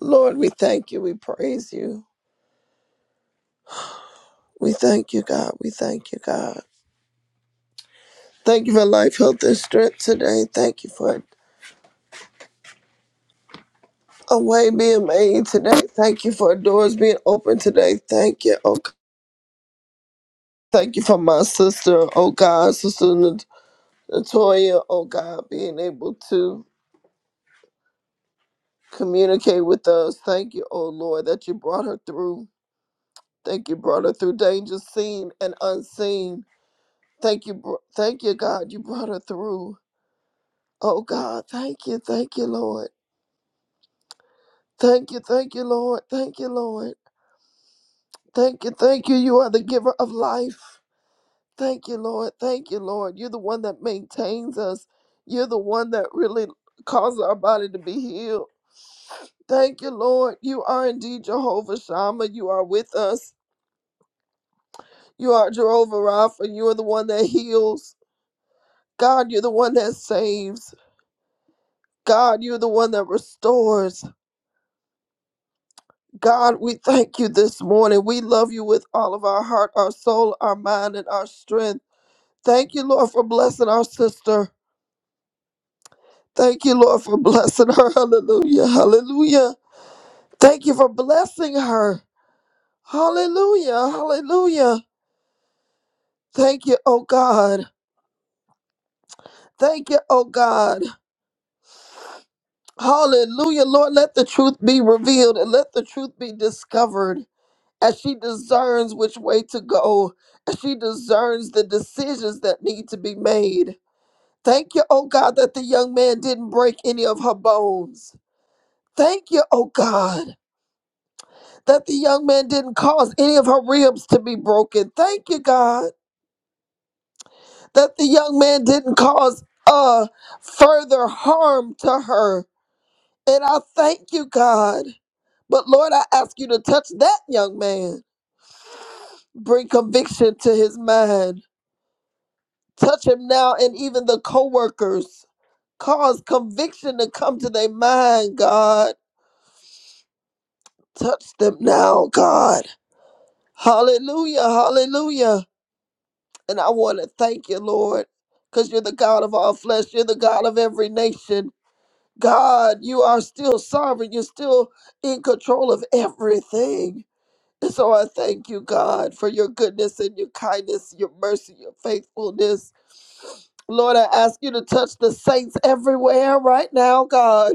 [SPEAKER 4] Lord, we thank you. We praise you. We thank you, God. We thank you, God. Thank you for life, health, and strength today. Thank you for a way being made today. Thank you for doors being open today. Thank you. Oh, God. thank you for my sister. Oh God, sister Nat- Natoya. Oh God, being able to. communicate with us. Thank you, oh Lord, that you brought her through. Thank you, brought her through danger seen and unseen. Thank you, bro- thank you, God, you brought her through. Oh God, thank you, thank you, Lord. Thank you, thank you, Lord. Thank you, Lord. Thank you, thank you. You are the giver of life. Thank you, Lord. Thank you, Lord. You're the one that maintains us. You're the one that really causes our body to be healed. Thank you, Lord. You are indeed Jehovah Shammah. You are with us. You are Jehovah Rapha. You are the one that heals. God, you're the one that saves. God, you're the one that restores. God, we thank you this morning. We love you with all of our heart, our soul, our mind, and our strength. Thank you, Lord, for blessing our sister. Thank you, Lord, for blessing her. Hallelujah. Hallelujah. Thank you for blessing her. Hallelujah. Hallelujah. Thank you, oh God. Thank you, oh God. Hallelujah, Lord. Let the truth be revealed and let the truth be discovered as she discerns which way to go, as she discerns the decisions that need to be made. Thank you, oh God, that the young man didn't break any of her bones. Thank you, oh God, that the young man didn't cause any of her ribs to be broken. Thank you, God, that the young man didn't cause uh further harm to her. And I thank you, God. But Lord, I ask you to touch that young man. Bring conviction to his mind. Touch him now and even the co-workers. Cause conviction to come to their mind, God. Touch them now, God. Hallelujah, hallelujah. And I want to thank you, Lord, because you're the God of all flesh. You're the God of every nation. God, you are still sovereign. You're still in control of everything. And so I thank you, God, for your goodness and your kindness, your mercy, your faithfulness. Lord, I ask you to touch the saints everywhere right now, God.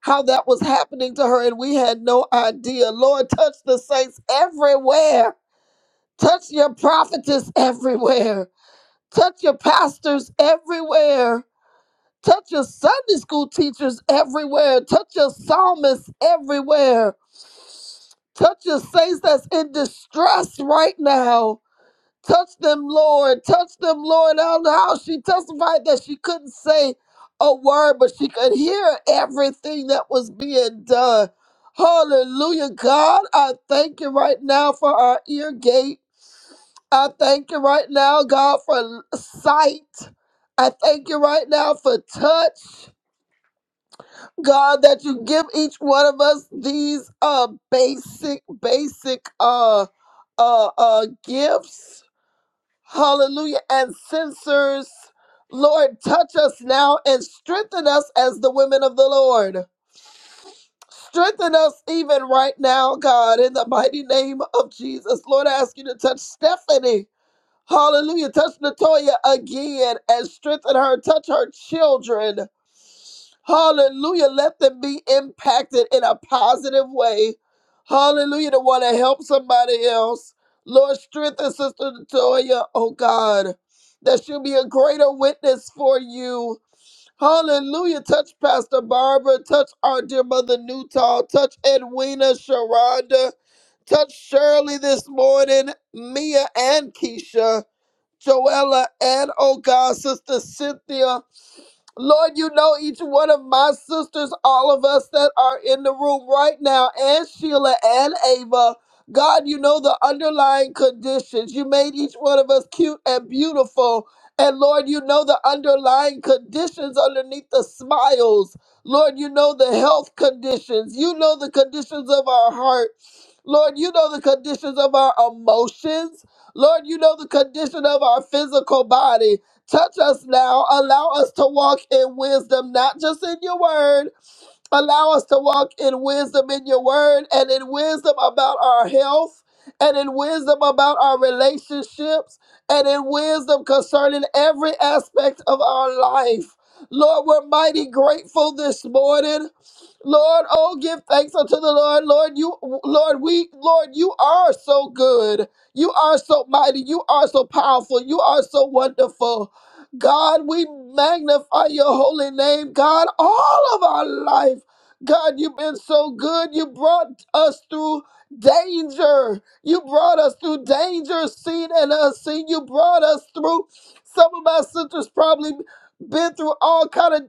[SPEAKER 4] How that was happening to her, and we had no idea. Lord, touch the saints everywhere. Touch your prophetess everywhere. Touch your pastors everywhere. Touch your Sunday school teachers everywhere. Touch your psalmists everywhere. Touch your saints that's in distress right now. Touch them, Lord. Touch them, Lord. I don't know how she testified that she couldn't say a word, but she could hear everything that was being done. Hallelujah. God, I thank you right now for our ear gate. I thank you right now, God, for sight. I thank you right now for touch. God, that you give each one of us these uh basic, basic uh uh uh gifts hallelujah, and censors. Lord, touch us now and strengthen us as the women of the Lord. Strengthen us even right now, God, in the mighty name of Jesus. Lord, I ask you to touch Stephanie. Hallelujah. Touch Natoya again and strengthen her. Touch her children. Hallelujah. Let them be impacted in a positive way. Hallelujah. To want to help somebody else. Lord, strengthen Sister Latoya, oh God, that she'll be a greater witness for you. Hallelujah. Touch Pastor Barbara. Touch our dear mother Newtall. Touch Edwina, Sharonda. Touch Shirley this morning, Mia and Keisha, Joella, and oh God, Sister Cynthia. Lord, you know each one of my sisters, all of us that are in the room right now, and Sheila and Ava. God, you know the underlying conditions. You made each one of us cute and beautiful. And Lord, you know the underlying conditions underneath the smiles. Lord, you know the health conditions. You know the conditions of our heart. Lord, you know the conditions of our emotions. Lord, you know the condition of our physical body. Touch us now. Allow us to walk in wisdom, not just in your word, Allow us to walk in wisdom in your word and in wisdom about our health and in wisdom about our relationships and in wisdom concerning every aspect of our life. Lord, we're mighty grateful this morning. Lord, oh, give thanks unto the Lord. Lord, you, Lord, we, Lord, you are so good. You are so mighty. You are so powerful. You are so wonderful. God, we magnify your holy name, God, all of our life. God, you've been so good. You brought us through danger. You brought us through danger, seen and unseen. You brought us through. Some of my sisters probably been through all kind of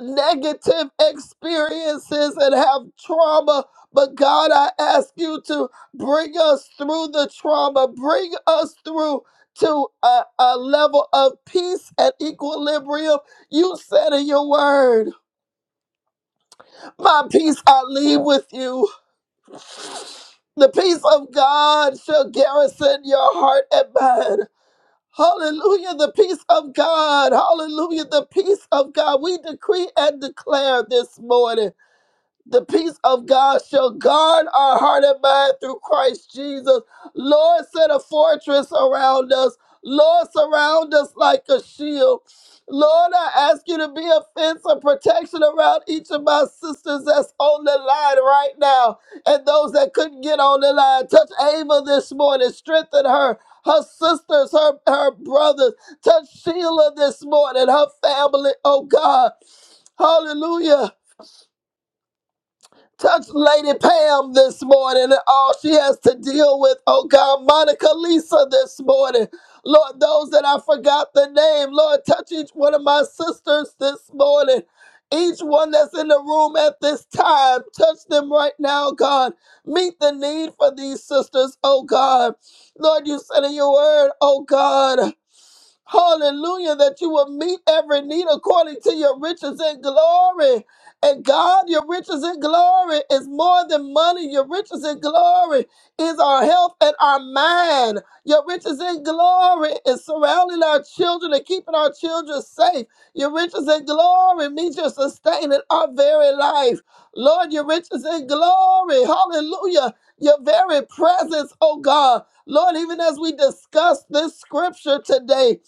[SPEAKER 4] negative experiences and have trauma. But God, I ask you to bring us through the trauma. Bring us through to a, a level of peace and equilibrium. You said in your word, my peace I leave with you. The peace of God shall garrison your heart and mind. Hallelujah, the peace of God. Hallelujah, the peace of God. We decree and declare this morning. The peace of God shall guard our heart and mind through Christ Jesus. Lord, set a fortress around us. Lord, surround us like a shield. Lord, I ask you to be a fence of protection around each of my sisters that's on the line right now and those that couldn't get on the line. Touch Ava this morning, strengthen her, her sisters, her, her brothers. Touch Sheila this morning, her family, oh God. Hallelujah. Touch Lady Pam this morning and all she has to deal with. Oh God, Monica Lisa this morning. Lord, those that I forgot the name, Lord, touch each one of my sisters this morning. Each one that's in the room at this time, touch them right now, God. Meet the need for these sisters, oh God. Lord, you said in your word, oh God. Hallelujah, that you will meet every need according to your riches and glory. And God, your riches and glory is more than money. Your riches and glory is our health and our mind. Your riches and glory is surrounding our children and keeping our children safe. Your riches and glory means you're sustaining our very life. Lord, your riches and glory. Hallelujah. Your very presence, oh God. Lord, even as we discuss this scripture today,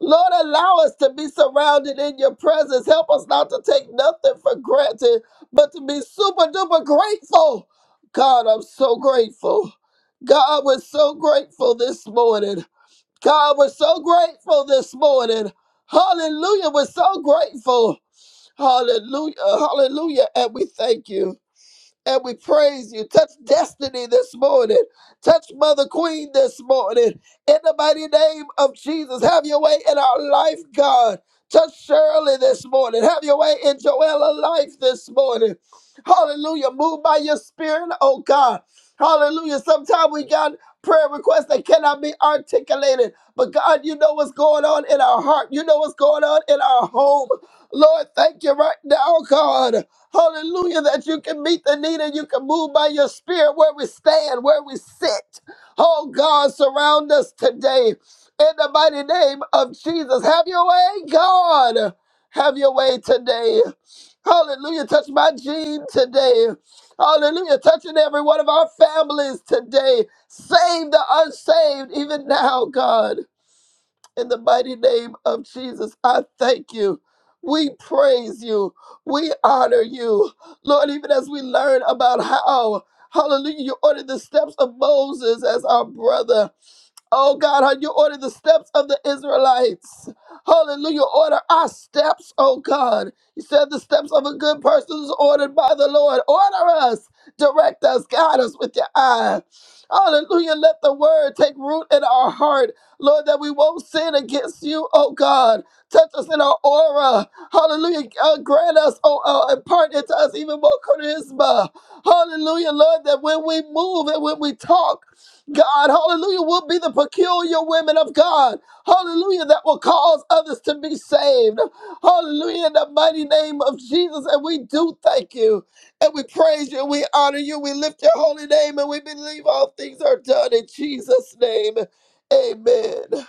[SPEAKER 4] Lord, allow us to be surrounded in your presence. Help us not to take nothing for granted, but to be super duper grateful. God, I'm so grateful. God, we're so grateful this morning. God, we're so grateful this morning. Hallelujah. We're so grateful. Hallelujah. Hallelujah. And we thank you. And we praise you. Touch destiny this morning. Touch Mother Queen this morning. In the mighty name of Jesus, have your way in our life, God. Touch Shirley this morning. Have your way in Joella's life this morning. Hallelujah. Move by your spirit, oh God. Hallelujah. Sometimes we got prayer requests that cannot be articulated. But God, you know what's going on in our heart. You know what's going on in our home. Lord, thank you right now, God. Hallelujah, that you can meet the need and you can move by your spirit where we stand, where we sit. Oh God, surround us today in the mighty name of Jesus. Have your way, God. Have your way today. Hallelujah. Touch my gene today. Hallelujah. Touching every one of our families today. Save the unsaved even now, God. In the mighty name of Jesus, I thank you. We praise you. We honor you. Lord, even as we learn about how, hallelujah, you ordered the steps of Moses as our brother. Oh God, how you ordered the steps of the Israelites. Hallelujah. Order our steps, oh God. You said the steps of a good person is ordered by the Lord. Order us, direct us, guide us with your eye. Hallelujah. Let the word take root in our heart, Lord, that we won't sin against you, oh God. Touch us in our aura. Hallelujah. Uh, grant us, oh, uh, impart into us even more charisma. Hallelujah, Lord, that when we move and when we talk, God, hallelujah, will be the peculiar women of God, hallelujah, that will cause others to be saved, hallelujah, in the mighty name of Jesus. And we do thank you, and we praise you, and we honor you, we lift your holy name, and we believe all things are done in Jesus' name. Amen.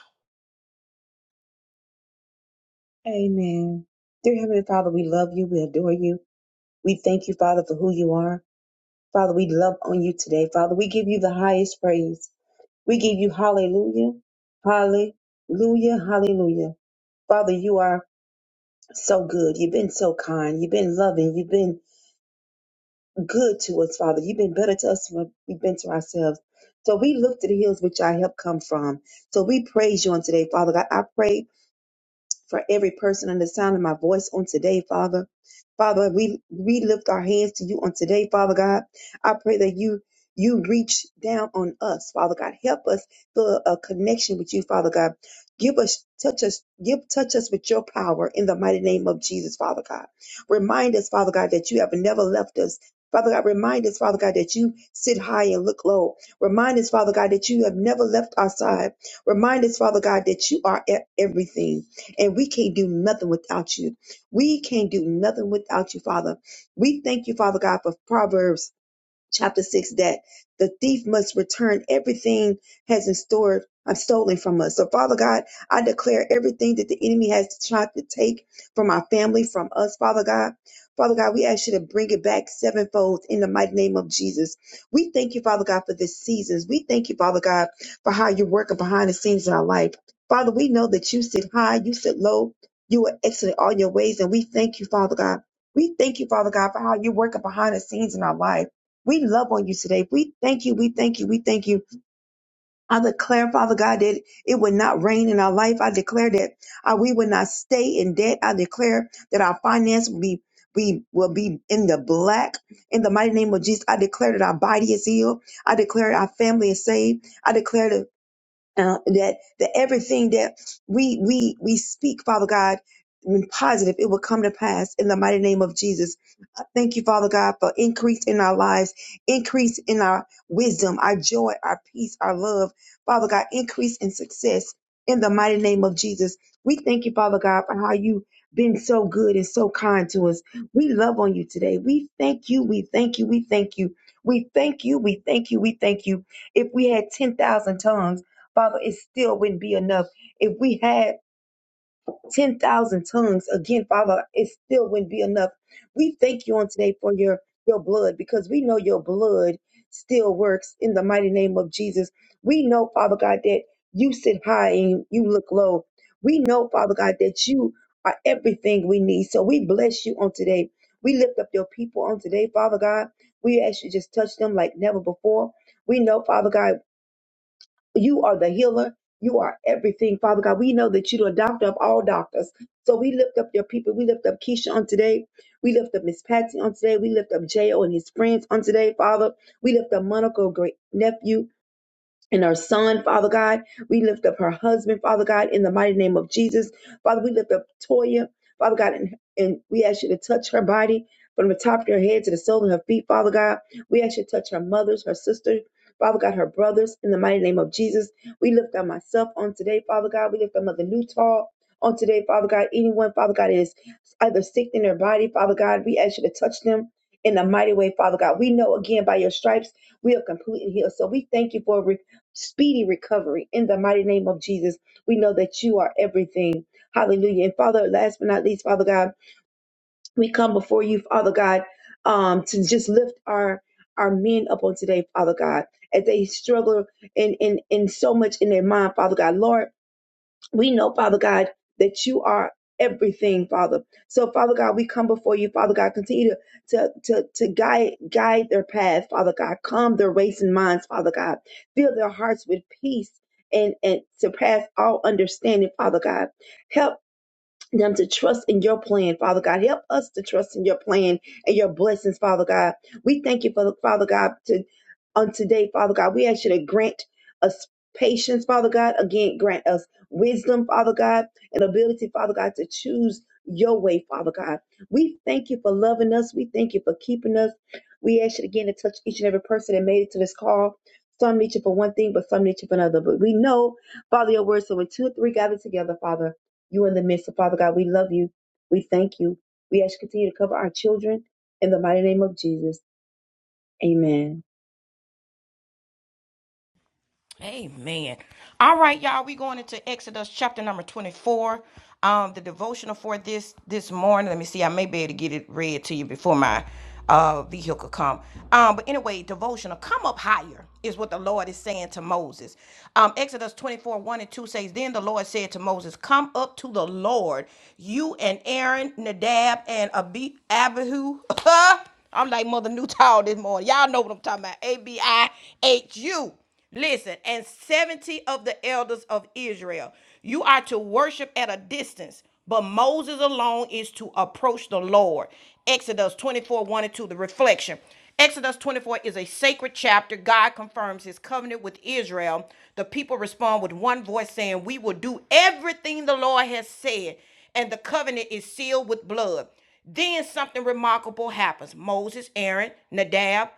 [SPEAKER 5] Amen. Dear Heavenly Father, we love you. We adore you. We thank you, Father, for who you are. Father, we love on you today. Father, we give you the highest praise. We give you hallelujah. Hallelujah. Hallelujah. Father, you are. so good. You've been so kind. You've been loving. You've been good to us, Father. You've been better to us than we've been to ourselves. So we look to the hills which our help come from. So we praise you on today, Father God. I pray for every person under the sound of my voice on today, Father. Father, we, we lift our hands to you on today, Father God. I pray that you you reach down on us, Father God. Help us build a connection with you, Father God. Give us, touch us, give, touch us with your power in the mighty name of Jesus, Father God. Remind us, Father God, that you have never left us. Father God, remind us, Father God, that you sit high and look low. Remind us, Father God, that you have never left our side. Remind us, Father God, that you are e- everything. And we can't do nothing without you. We can't do nothing without you, Father. We thank you, Father God, for Proverbs chapter 6 that the thief must return everything has in store I've stolen from us. So Father God, I declare everything that the enemy has tried to take from our family, from us, Father God. Father God, we ask you to bring it back sevenfold in the mighty name of Jesus. We thank you, Father God, for this season. We thank you, Father God, for how you're working behind the scenes in our life. Father, we know that you sit high, you sit low, you are excellent all your ways, and we thank you, Father God. We thank you, Father God, for how you're working behind the scenes in our life. We love on you today. We thank you. We thank you. We thank you. I declare, Father God, that it would not rain in our life. I declare that uh, we would not stay in debt. I declare that our finance will be we will be in the black in the mighty name of Jesus. I declare that our body is healed. I declare our family is saved. I declare that uh, that that everything that we we we speak, Father God, positive, it will come to pass in the mighty name of Jesus. Thank you, Father God, for increase in our lives, increase in our wisdom, our joy, our peace, our love. Father God, increase in success in the mighty name of Jesus. We thank you, Father God, for how you've been so good and so kind to us. We love on you today. We thank you. We thank you. We thank you. We thank you. We thank you. We thank you. If we had 10,000 tongues, Father, it still wouldn't be enough. If we had 10,000 tongues. Again, Father, it still wouldn't be enough. We thank you on today for your, your blood because we know your blood still works in the mighty name of Jesus. We know, Father God, that you sit high and you look low. We know, Father God, that you are everything we need. So we bless you on today. We lift up your people on today, Father God. We ask you just touch them like never before. We know, Father God. You are the healer. You are everything, Father God. We know that you're the doctor of all doctors. So we lift up your people. We lift up Keisha on today. We lift up Miss Patsy on today. We lift up J.O. and his friends on today, Father. We lift up Monica, great nephew and her son, Father God. We lift up her husband, Father God, in the mighty name of Jesus. Father, we lift up Toya, Father God, and, and we ask you to touch her body from the top of her head to the sole of her feet, Father God. We ask you to touch her mothers, her sisters. Father God, her brothers, in the mighty name of Jesus. We lift up myself on today, Father God. We lift up Mother Newtall on today, Father God. Anyone, Father God, is either sick in their body, Father God, we ask you to touch them in a mighty way, Father God. We know again by your stripes we are completely healed. So we thank you for speedy recovery in the mighty name of Jesus. We know that you are everything. Hallelujah. And Father, last but not least, Father God, we come before you, Father God, um, to just lift our our men up on today, Father God, as they struggle in in in so much in their mind, Father God. Lord, we know, Father God, that you are everything, Father. So, Father God, we come before you, Father God. Continue to to to, to guide guide their path, Father God. Calm their racing minds, Father God. Fill their hearts with peace. And, and surpass all understanding, Father God. Help them to trust in your plan, Father God. Help us to trust in your plan and your blessings, Father God. We thank you for Father God to on today, Father God. We ask you to grant us patience, Father God. Again, grant us wisdom, Father God, and ability, Father God, to choose your way, Father God. We thank you for loving us. We thank you for keeping us. We ask you again to touch each and every person that made it to this call. Some need you for one thing, but some need you for another. But we know, Father, your word. So when two or three gather together, Father you in the midst. So, Father God, we love you. We thank you. We ask you to continue to cover our children in the mighty name of Jesus. Amen.
[SPEAKER 1] Amen. All right, y'all. We're going into Exodus chapter number 24. Um, the devotional for this this morning. Let me see. I may be able to get it read to you before my uh vehicle come. Um, but anyway, devotional, come up higher is what the Lord is saying to Moses. Um, Exodus 24, 1 and 2 says, Then the Lord said to Moses, Come up to the Lord, you and Aaron, Nadab, and Abi Abihu. I'm like Mother Newtall this morning. Y'all know what I'm talking about. A B I H U. Listen, and 70 of the elders of Israel. You are to worship at a distance, but Moses alone is to approach the Lord. Exodus 24 1 and 2, the reflection. Exodus 24 is a sacred chapter. God confirms his covenant with Israel. The people respond with one voice saying, We will do everything the Lord has said, and the covenant is sealed with blood. Then something remarkable happens. Moses, Aaron, Nadab,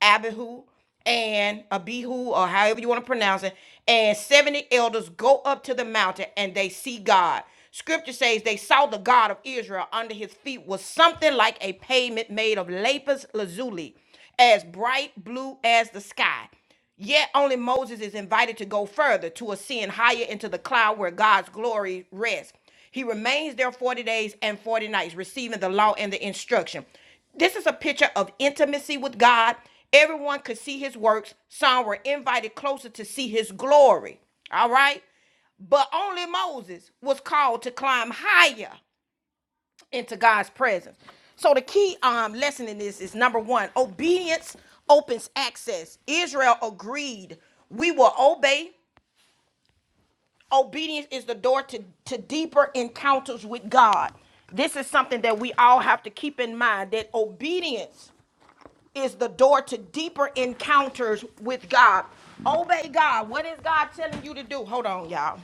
[SPEAKER 1] Abihu and Abihu, or however you want to pronounce it, and 70 elders go up to the mountain and they see God. Scripture says they saw the God of Israel under his feet was something like a pavement made of lapis lazuli, as bright blue as the sky. Yet only Moses is invited to go further, to ascend higher into the cloud where God's glory rests. He remains there 40 days and 40 nights, receiving the law and the instruction. This is a picture of intimacy with God. Everyone could see his works. Some were invited closer to see his glory. All right? But only Moses was called to climb higher into God's presence. So the key um, lesson in this is number one: obedience opens access. Israel agreed, "We will obey." Obedience is the door to, to deeper encounters with God. This is something that we all have to keep in mind that obedience is the door to deeper encounters with God. Obey God. What is God telling you to do? Hold on, y'all.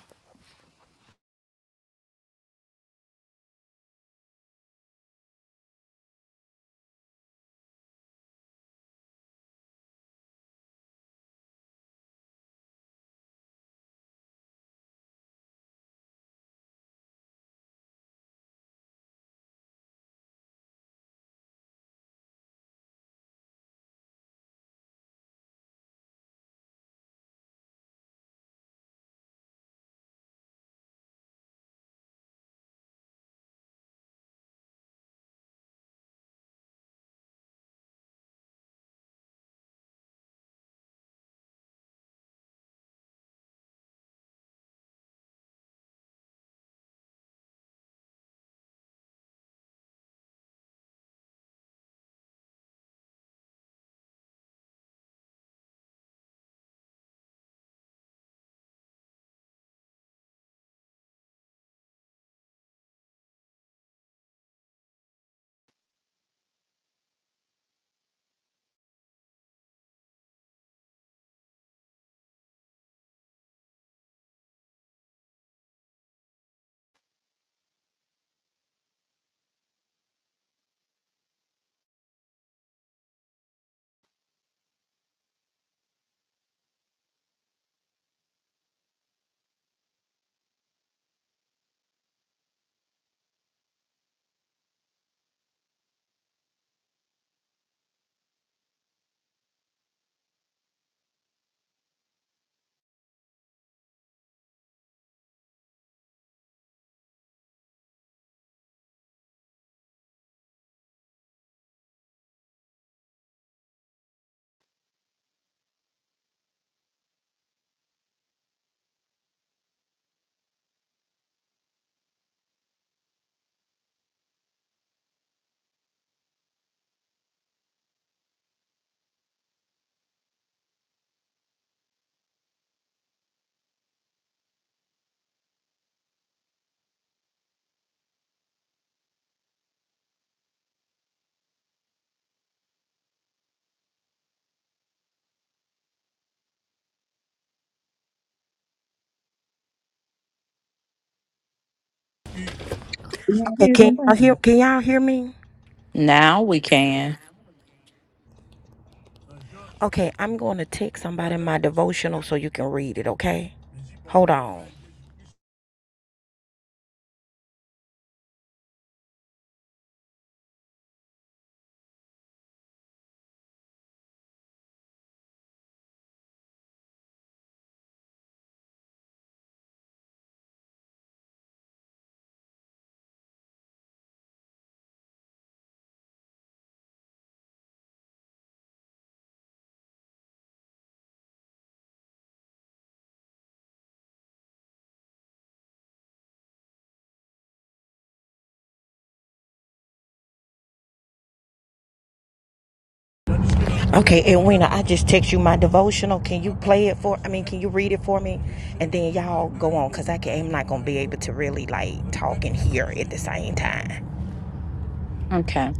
[SPEAKER 7] you not hear
[SPEAKER 1] Okay, can y'all hear?
[SPEAKER 7] anything.
[SPEAKER 1] Can y'all hear me?
[SPEAKER 3] Now we can.
[SPEAKER 1] Okay, I'm going to text somebody my devotional so you can read it. Okay. Okay, Edwina, I just text you my devotional. Can you play it for? I mean, can you read it for me? And then y'all go on, cause I can, I'm not gonna be able to really like talk and hear at the same time.
[SPEAKER 3] Okay.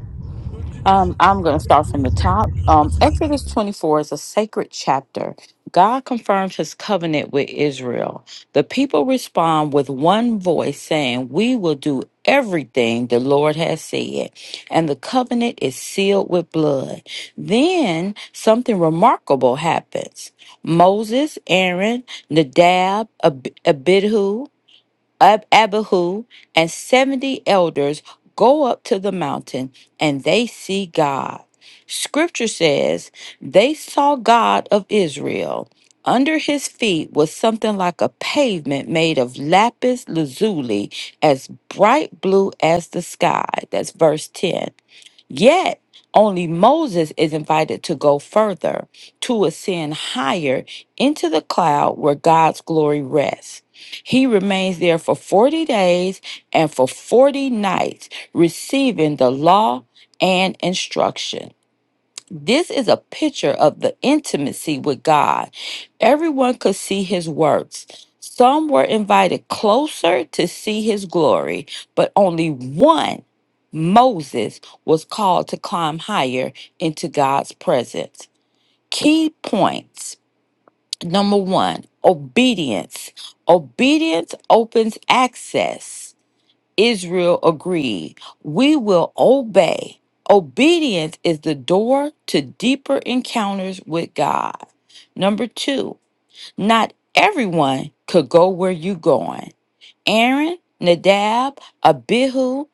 [SPEAKER 3] Um, I'm going to start from the top. Um, Exodus 24 is a sacred chapter. God confirms his covenant with Israel. The people respond with one voice saying, We will do everything the Lord has said. And the covenant is sealed with blood. Then something remarkable happens. Moses, Aaron, Nadab, Ab- Abihu, Ab- Abihu and 70 elders go up to the mountain and they see God. Scripture says they saw God of Israel. Under his feet was something like a pavement made of lapis lazuli, as bright blue as the sky. That's verse 10. Yet, only Moses is invited to go further, to ascend higher into the cloud where God's glory rests. He remains there for 40 days and for 40 nights, receiving the law and instruction. This is a picture of the intimacy with God. Everyone could see his works. Some were invited closer to see his glory, but only one, Moses, was called to climb higher into God's presence. Key points number one, obedience. Obedience opens access. Israel agreed, We will obey. Obedience is the door to deeper encounters with God. Number two, not everyone could go where you are going. Aaron, Nadab, Abihu,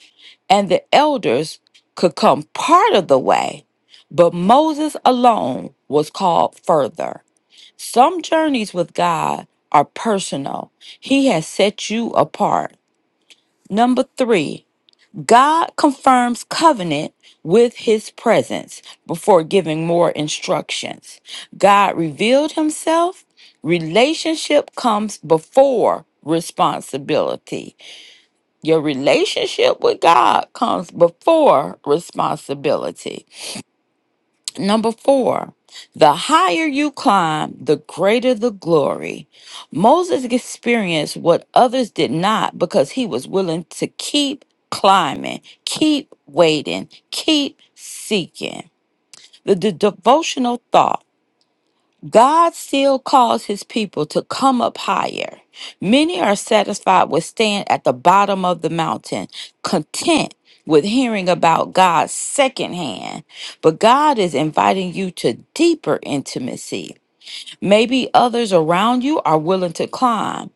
[SPEAKER 3] and the elders could come part of the way, but Moses alone was called further. Some journeys with God are personal, He has set you apart. Number three, God confirms covenant with his presence before giving more instructions. God revealed himself. Relationship comes before responsibility. Your relationship with God comes before responsibility. Number four, the higher you climb, the greater the glory. Moses experienced what others did not because he was willing to keep climbing, keep waiting, keep seeking. The, the devotional thought. God still calls his people to come up higher. Many are satisfied with staying at the bottom of the mountain, content with hearing about God secondhand. But God is inviting you to deeper intimacy. Maybe others around you are willing to climb,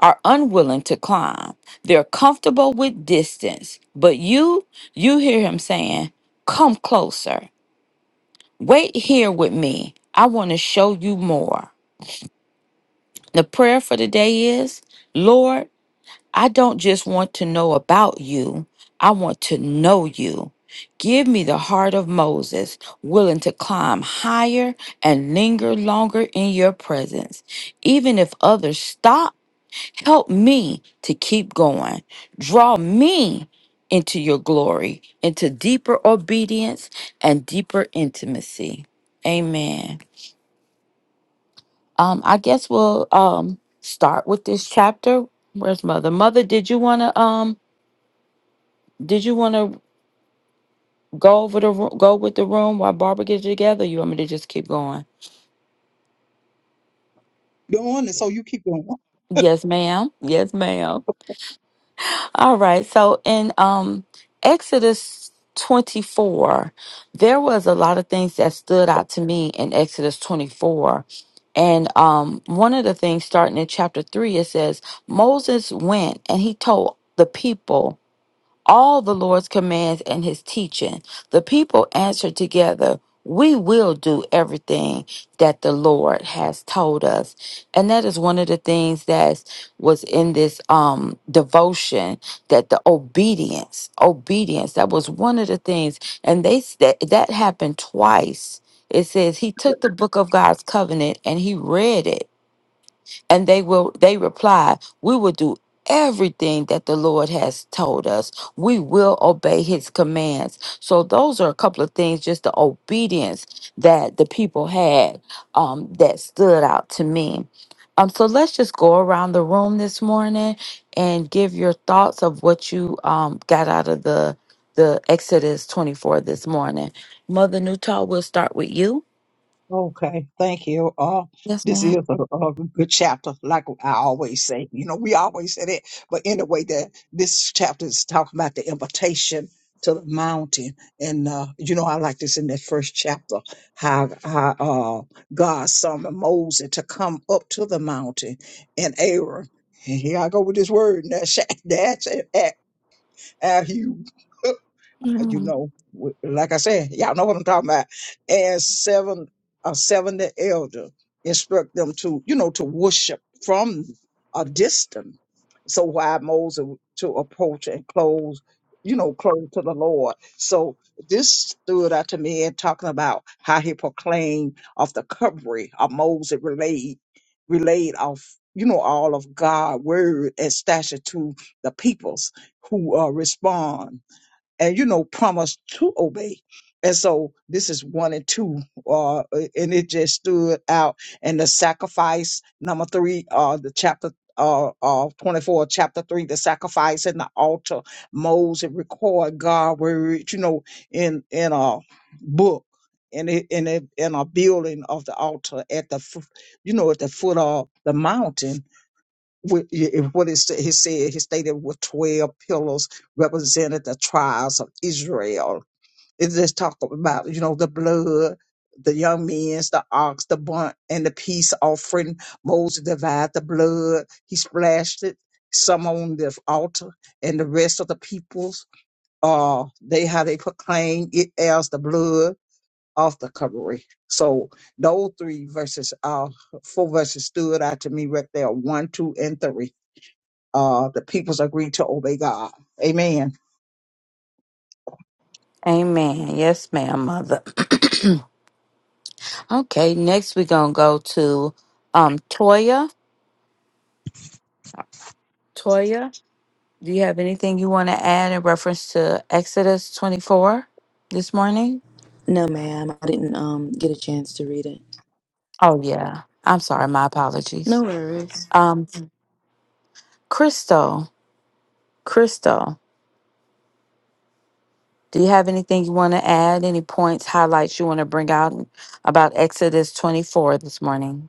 [SPEAKER 3] are unwilling to climb. They're comfortable with distance. But you, you hear him saying, Come closer. Wait here with me. I want to show you more. The prayer for the day is Lord, I don't just want to know about you, I want to know you. Give me the heart of Moses, willing to climb higher and linger longer in your presence. Even if others stop, help me to keep going. Draw me into your glory, into deeper obedience and deeper intimacy. Amen. Um, I guess we'll um start with this chapter. Where's mother? Mother, did you wanna um did you wanna go over the ro- go with the room while Barbara gets it together? You want me to just keep going?
[SPEAKER 7] So you keep
[SPEAKER 3] Yes, ma'am. Yes, ma'am. All right. So in um Exodus 24, there was a lot of things that stood out to me in Exodus 24. And um one of the things starting in chapter 3 it says Moses went and he told the people all the Lord's commands and his teaching. The people answered together, We will do everything that the Lord has told us. And that is one of the things that was in this um devotion that the obedience, obedience, that was one of the things. And they that that happened twice. It says he took the book of God's covenant and he read it and they will they reply we will do everything that the lord has told us we will obey his commands so those are a couple of things just the obedience that the people had um, that stood out to me um, so let's just go around the room this morning and give your thoughts of what you um, got out of the the exodus 24 this morning mother newtall we'll start with you
[SPEAKER 7] Okay, thank you. Uh,
[SPEAKER 3] yes
[SPEAKER 7] this is
[SPEAKER 3] madam
[SPEAKER 7] a, a good chapter, like I always say. You know, we always say that, but anyway, that this chapter is talking about the invitation to the mountain, and uh, you know, I like this in that first chapter, how how uh, God summoned Moses to come up to the mountain, and Aaron. and Here I go with this word. That's that's how you. uh, you know, w- like I said, y'all know what I'm talking about. And seven, uh, seven the elder instruct them to, you know, to worship from a distance. So why Moses to approach and close, you know, close to the Lord. So this stood out to me and talking about how he proclaimed of the covering of Moses relayed, relayed of, you know, all of God's word and stature to the peoples who uh, respond and you know promised to obey and so this is one and two uh and it just stood out and the sacrifice number three uh the chapter uh, uh 24 chapter 3 the sacrifice and the altar Moses record god word you know in in a book in a, in a in a building of the altar at the fo- you know at the foot of the mountain what it- what is he said, he stated with 12 pillars represented the tribes of Israel. It just talk about, you know, the blood, the young men's, the ox, the bunt, and the peace offering. Moses divided the blood. He splashed it, some on the altar, and the rest of the peoples, uh, they, how they proclaim it as the blood of the covering. So those three verses, uh, four verses stood out to me right there, one, two, and three uh, the peoples agreed to obey God. Amen.
[SPEAKER 3] Amen. Yes, ma'am, mother. okay, next we're gonna go to um Toya. Toya, do you have anything you want to add in reference to Exodus 24 this morning?
[SPEAKER 2] No, ma'am, I didn't um get a chance to read it.
[SPEAKER 3] Oh yeah. I'm sorry, my
[SPEAKER 2] No
[SPEAKER 3] apologies.
[SPEAKER 2] worries.
[SPEAKER 3] Um Crystal, Crystal, do you have anything you want to add? Any points, highlights you want to bring out about Exodus 24 this morning?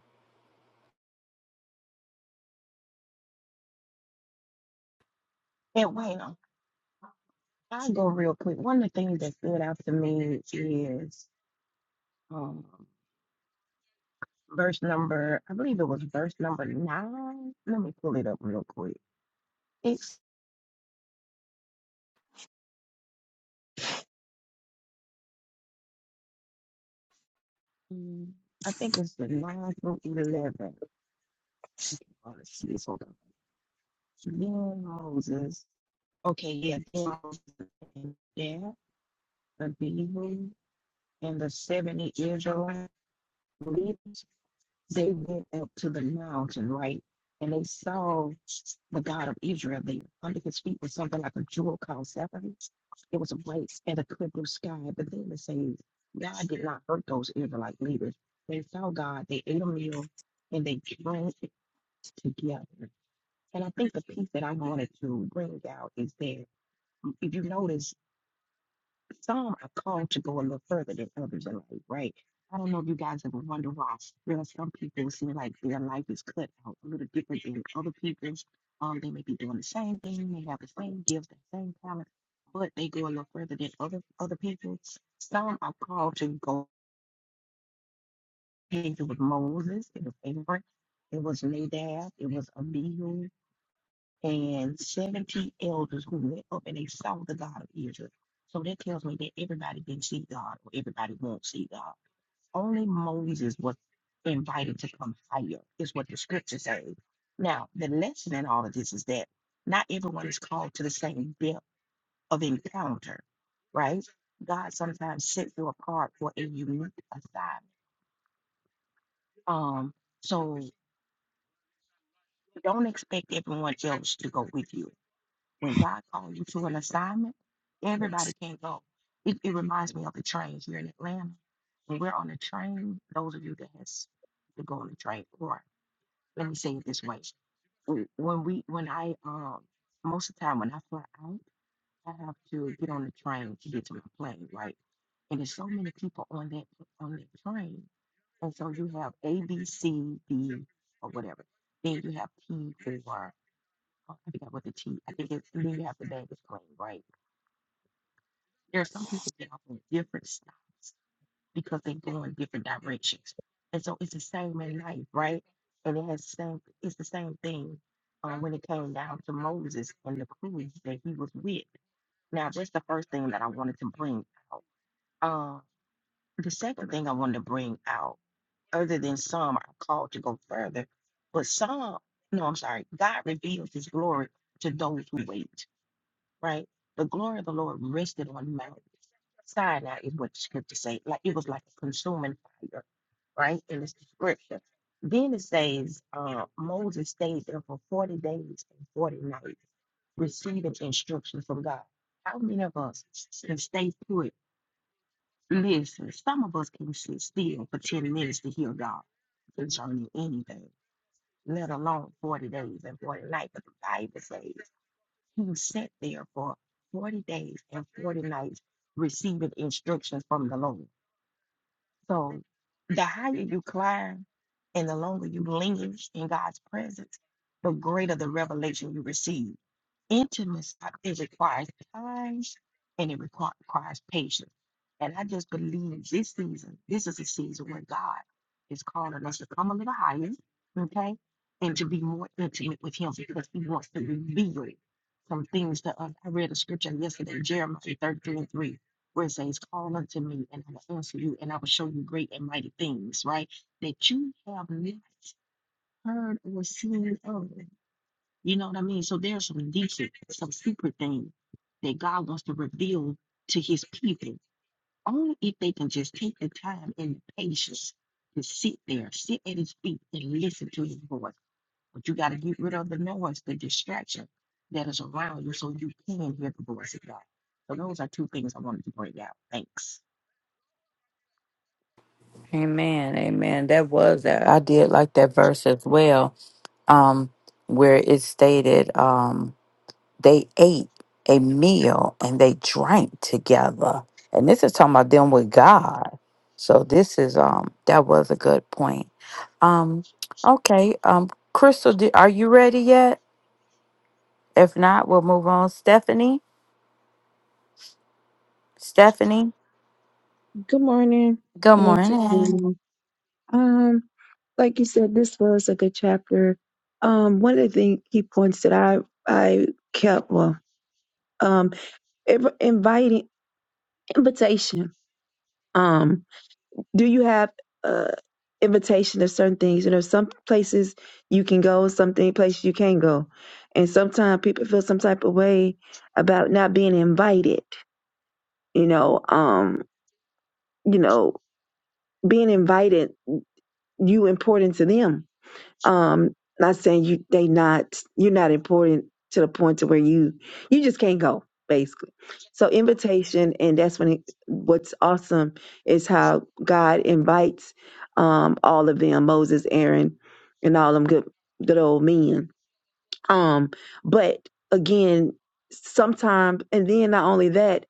[SPEAKER 3] Amen. Amen. That was that. I did like that verse as well um, where it stated um, they ate a meal and they drank together. And this is talking about them with God. So this is um that was a good point. Um, okay. Um, Crystal, do, are you ready yet? If not, we'll move on. Stephanie, Stephanie,
[SPEAKER 5] Good morning.
[SPEAKER 3] good
[SPEAKER 5] Once
[SPEAKER 3] morning.
[SPEAKER 5] again, um, like you said, this was a good chapter. Um, one of the key points that I I kept well, um, inv- inviting invitation. um. do you have uh invitation of certain things you know some places you can go some thing- places you can't go and sometimes people feel some type of way about not being invited you know um you know being invited you important to them Um, not saying you they not you're not important to the point to where you you just can't go basically. So invitation, and that's when it, what's awesome is how God invites um all of them Moses, Aaron, and all them good good old men. Um, but again, sometimes and then not only that,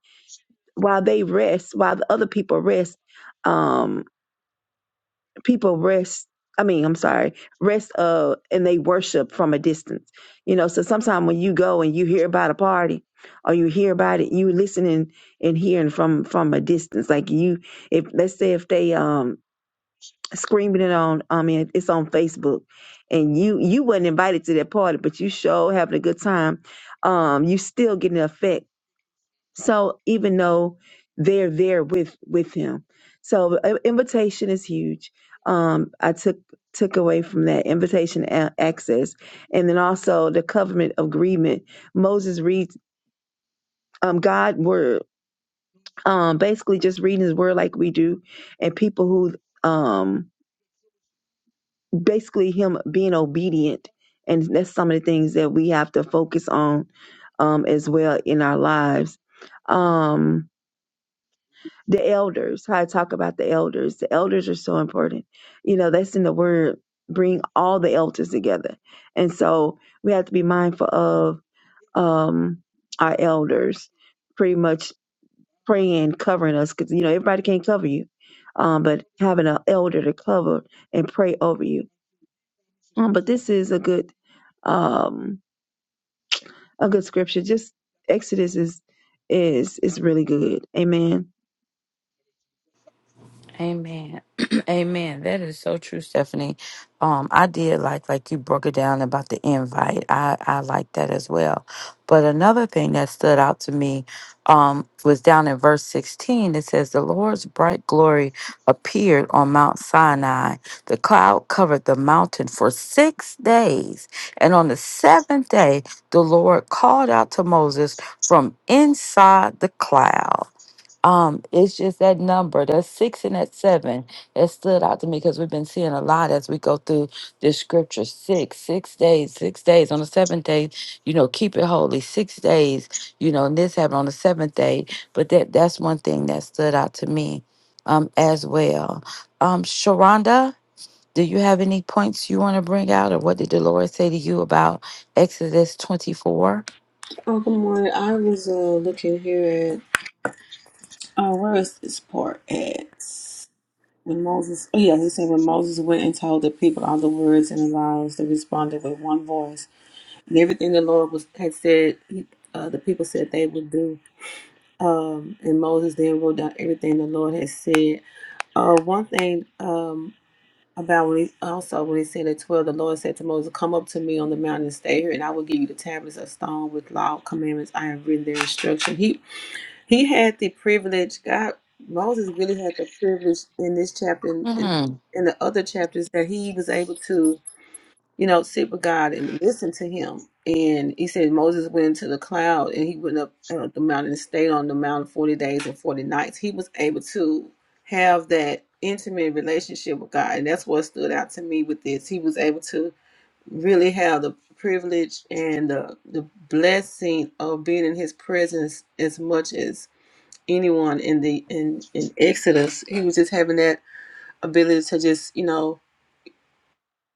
[SPEAKER 5] while they rest, while the other people rest. Um, people rest i mean i'm sorry rest uh and they worship from a distance you know so sometimes when you go and you hear about a party or you hear about it you listening and hearing from from a distance like you if let's say if they um screaming it on i mean it's on facebook and you you wasn't invited to that party but you show having a good time um you still getting the effect so even though they're there with with him, so uh, invitation is huge. Um, I took took away from that invitation a- access, and then also the covenant agreement. Moses reads um God word, um basically just reading His word like we do, and people who um basically him being obedient, and that's some of the things that we have to focus on um as well in our lives. Um the elders, how I talk about the elders. The elders are so important. You know, that's in the word, bring all the elders together. And so we have to be mindful of um our elders pretty much praying, covering us, because you know, everybody can't cover you. Um, but having an elder to cover and pray over you. Um, but this is a good um a good scripture. Just Exodus is is is really good. Amen.
[SPEAKER 3] Amen. Amen. That is so true, Stephanie. Um, I did like like you broke it down about the invite. I I like that as well. But another thing that stood out to me um was down in verse 16. It says the Lord's bright glory appeared on Mount Sinai. The cloud covered the mountain for 6 days, and on the 7th day the Lord called out to Moses from inside the cloud. Um, it's just that number, that six and that seven, that stood out to me because we've been seeing a lot as we go through this scripture. Six, six days, six days. On the seventh day, you know, keep it holy. Six days, you know, and this happened on the seventh day. But that that's one thing that stood out to me um as well. Um, Sharonda, do you have any points you want to bring out or what did Dolores say to you about Exodus 24?
[SPEAKER 6] Oh, good morning. I was uh, looking here Uh, where is this part at? When Moses, oh yeah, he said when Moses went and told the people all the words and the laws, they responded with one voice, and everything the Lord was had said, he, uh, the people said they would do. Um, and Moses then wrote down everything the Lord had said. Uh, one thing um about when he also when he said at twelve, the Lord said to Moses, "Come up to me on the mountain and stay here, and I will give you the tablets of stone with law commandments I have written their instruction." He he had the privilege. God, Moses really had the privilege in this chapter and in, in the other chapters that he was able to, you know, sit with God and listen to Him. And he said Moses went into the cloud and he went up uh, the mountain and stayed on the mountain forty days and forty nights. He was able to have that intimate relationship with God, and that's what stood out to me with this. He was able to really have the privilege and the, the blessing of being in His presence as much as anyone in the in in Exodus. He was just having that ability to just you know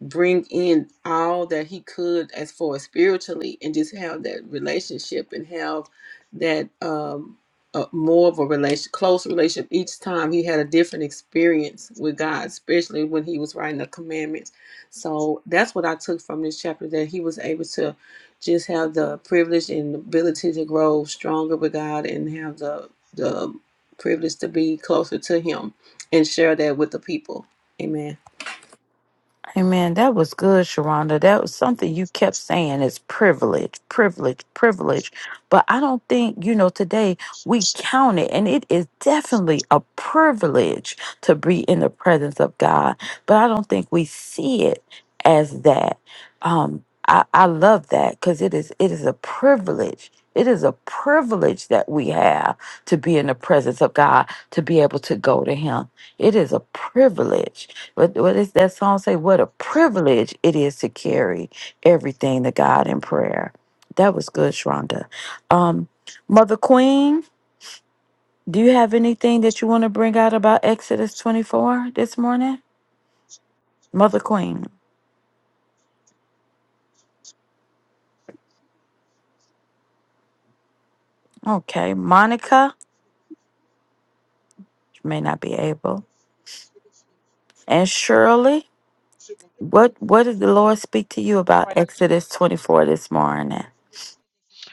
[SPEAKER 6] bring in all that he could as far as spiritually and just have that relationship and have that um uh, more of a relation close relationship each time he had a different experience with god especially when he was writing the commandments so that's what i took from this chapter that he was able to just have the privilege and ability to grow stronger with god and have the the privilege to be closer to him and share that with the people amen
[SPEAKER 3] Amen. that was good, Sharonda. That was something you kept saying is privilege, privilege, privilege. But I don't think, you know, today we count it, and it is definitely a privilege to be in the presence of God. But I don't think we see it as that. Um, I, I love that because it is it is a privilege. It is a privilege that we have to be in the presence of God, to be able to go to Him. It is a privilege. What what does that song say? What a privilege it is to carry everything to God in prayer. That was good, Shonda. Um, Mother Queen, do you have anything that you want to bring out about Exodus 24 this morning? Mother Queen. Okay. Monica, you may not be able. And Shirley, what what did the Lord speak to you about
[SPEAKER 8] Morning.
[SPEAKER 3] Exodus 24 this morning?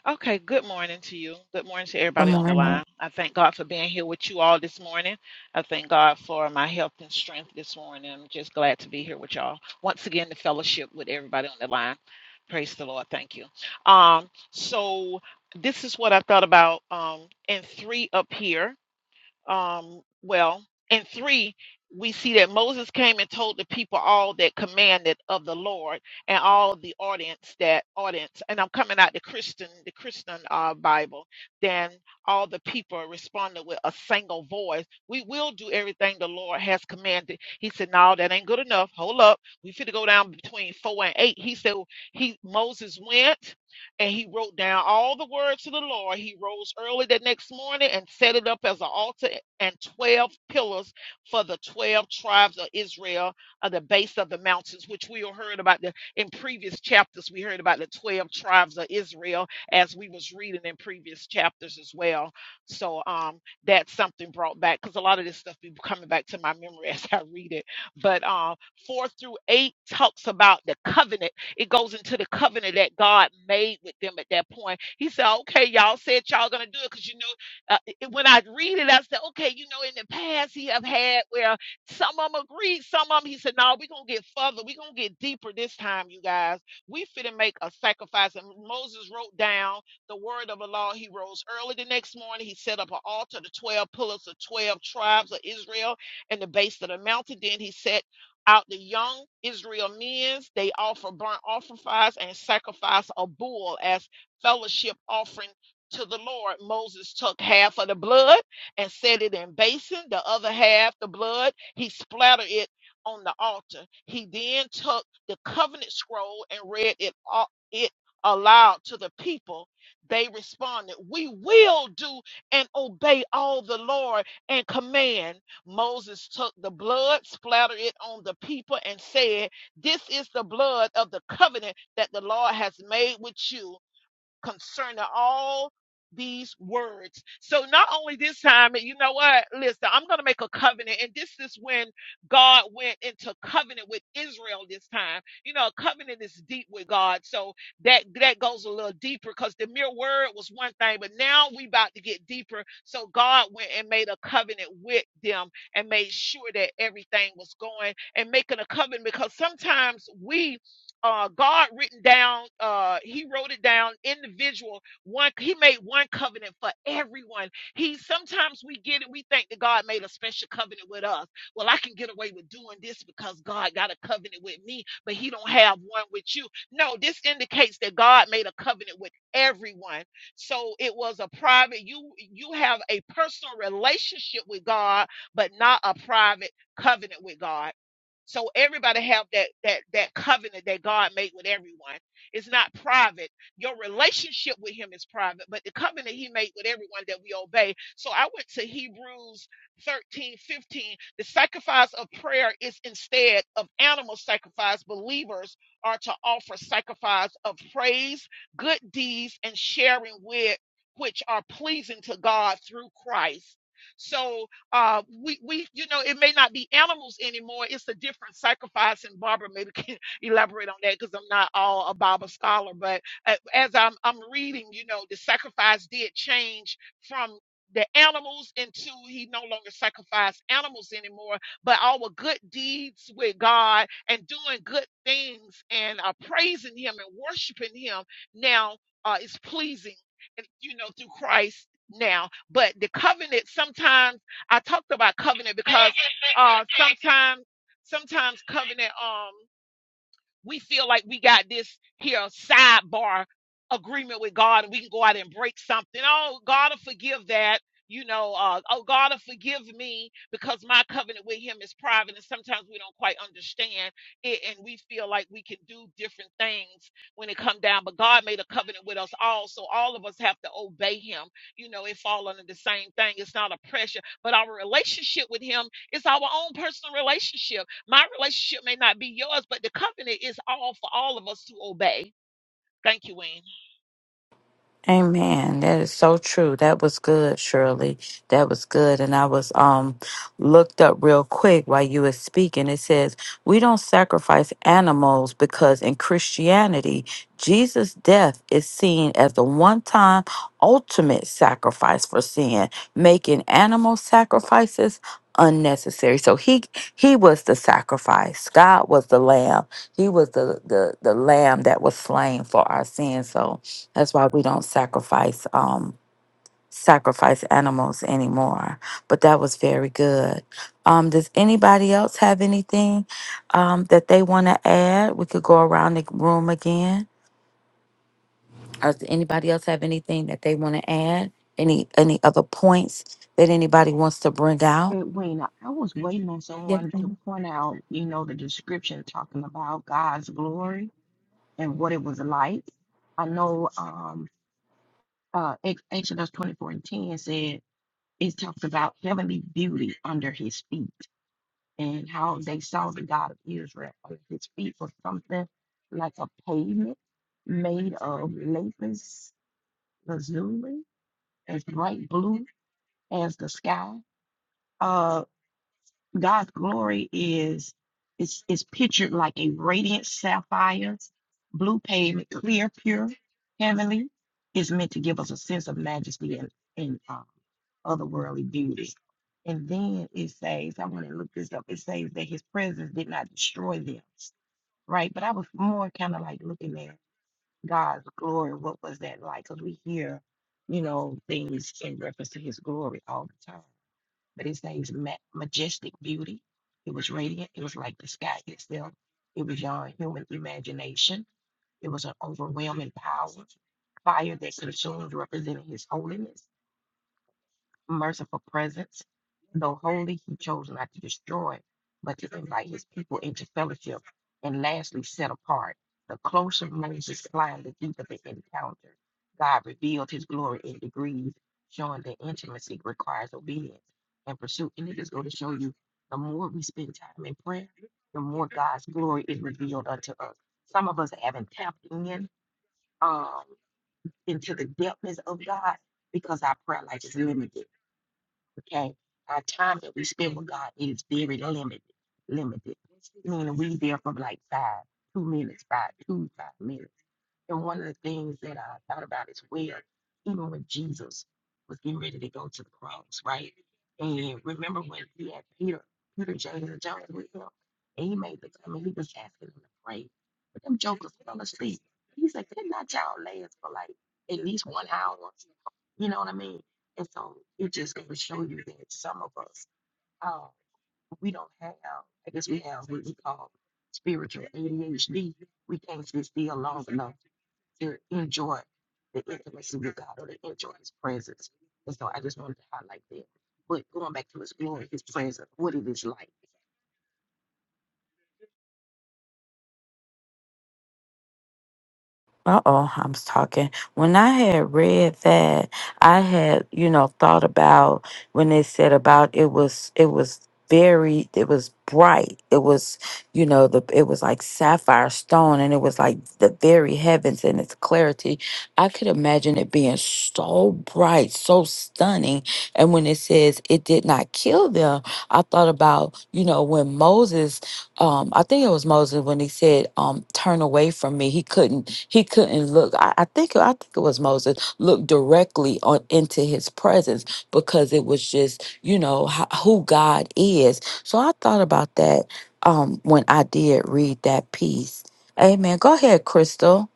[SPEAKER 8] Okay, good morning to you. Good morning to
[SPEAKER 3] Good
[SPEAKER 8] everybody on the
[SPEAKER 3] morning.
[SPEAKER 8] line. I thank God for being here with you all this morning. I thank God for my health and strength this morning. I'm just glad to be here with y'all. Once again, the fellowship with everybody on the line. Praise the Lord. Thank you. Um, so this is what I thought about um in three up here. um, well, and three, we see that Moses came and told the people all that commanded of the Lord and all the audience that audience, and I'm coming out the Christian, the Christian uh, Bible. Then all the people responded with a single voice. We will do everything the Lord has commanded. He said, No, that ain't good enough. Hold up. We fit to go down between four and eight." He said he Moses went and he wrote down all the words to the Lord. He rose early the next morning and set it up as an altar and 12 pillars for the 12 tribes of Israel at the base of the mountains, which we all heard about the, in previous chapters. We heard about the 12 tribes of Israel as we was reading in previous chapters as well. So um, that's something brought back because a lot of this stuff be coming back to my memory as I read it. But um, 4 through 8 talks about the covenant it goes into the covenant that God made with them at that point. He said, okay, y'all said y'all gonna do it because you know, uh, it- when I read it, I said, okay, you know, in the past he have had where some of them agreed, some of them, he said, no, we're gonna get further, we're gonna get deeper this time, you guys. We finna make a sacrifice. And Moses wrote down the word of the law. He rose early the next morning. He set up an altar, the 12 pillars of 12 tribes of Israel and the base of the mountain. Then he set out the young Israel men's. They offer burnt offerings and sacrifice a bull as fellowship offering to the Lord. Moses took half of the blood and set it in basin, the other half, the blood, he splattered it on the altar. He then took the covenant scroll and read it all, it aloud to the people. They responded, "We will do and obey all the Lord and command." Moses took the blood, splattered it on the people, and said, This is the blood of the covenant that the Lord has made with you concerning all these words. So not only this time, you know what, listen, I'm going to make a covenant. And this is when God went into covenant with Israel this time. You know, a covenant is deep with God. So that, that goes a little deeper because the mere word was one thing, but now we about to get deeper. So God went and made a covenant with them and made sure that everything was going and making a covenant because sometimes we uh, God written down, uh, he wrote it down individual. One, he made one covenant for everyone. He sometimes we get it, we think that God made a special covenant with us. Well, I can get away with doing this because God got a covenant with me, but he don't have one with you. No, this indicates that God made a covenant with everyone. So it was a private, you you have a personal relationship with God, but not a private covenant with God. So everybody have that that that covenant that God made with everyone. It's not private. Your relationship with Him is private, but the covenant He made with everyone that we obey. So I went to Hebrews 13 15. The sacrifice of prayer is instead of animal sacrifice. Believers are to offer sacrifice of praise, good deeds, and sharing with which are pleasing to God through Christ. So uh we we you know it may not be animals anymore it's a different sacrifice and barbara maybe can elaborate on that because i'm not all a bible scholar but uh, as i'm i'm reading you know the sacrifice did change from the animals into he no longer sacrificed animals anymore but our good deeds with god and doing good things and uh, praising him and worshiping him now uh, is pleasing and you know through christ now but the covenant sometimes I talked about covenant because uh sometimes sometimes covenant um we feel like we got this here sidebar agreement with God and we can go out and break something. Oh, God will forgive that. You know, uh, oh, God will forgive me because my covenant with Him is private. And sometimes we don't quite understand it and we feel like we can do different things when it come down. But God made a covenant with us all. So all of us have to obey Him. You know, it fall under the same thing. It's not a pressure, but our relationship with Him is our own personal relationship my relationship may not be yours, but the covenant is all for all of us to obey. Thank you, Wayne.
[SPEAKER 3] Amen. That is so true. That was good, Shirley. That was good. And I was um looked up real quick while you were speaking. It says, We don't sacrifice animals because in Christianity, Jesus' death is seen as the one time ultimate sacrifice for sin, making animal sacrifices unnecessary. So he he was the sacrifice. God was the lamb. He was the the, the lamb that was slain for our sins. So that's why we don't sacrifice um sacrifice animals anymore. But that was very good. Um, does anybody else have anything um that they want to add? We could go around the room again. Or does anybody else have anything that they want to add? Any any other points that anybody wants to bring out? Yes. Uh oh, I'm talking. When I had read that, I had, you know, thought about when they said about it was it was very it was bright. It was, you know, the it was like sapphire stone and it was like the very heavens and its clarity. I could imagine it being so bright, so stunning. And when it says it did not kill them, I thought about, you know, when Moses um i think it was moses when he said um turn away from me he couldn't he couldn't look i, I think i think it was moses look directly on into his presence because it was just you know how, who god is so i thought about that um when i did read that piece amen go ahead crystal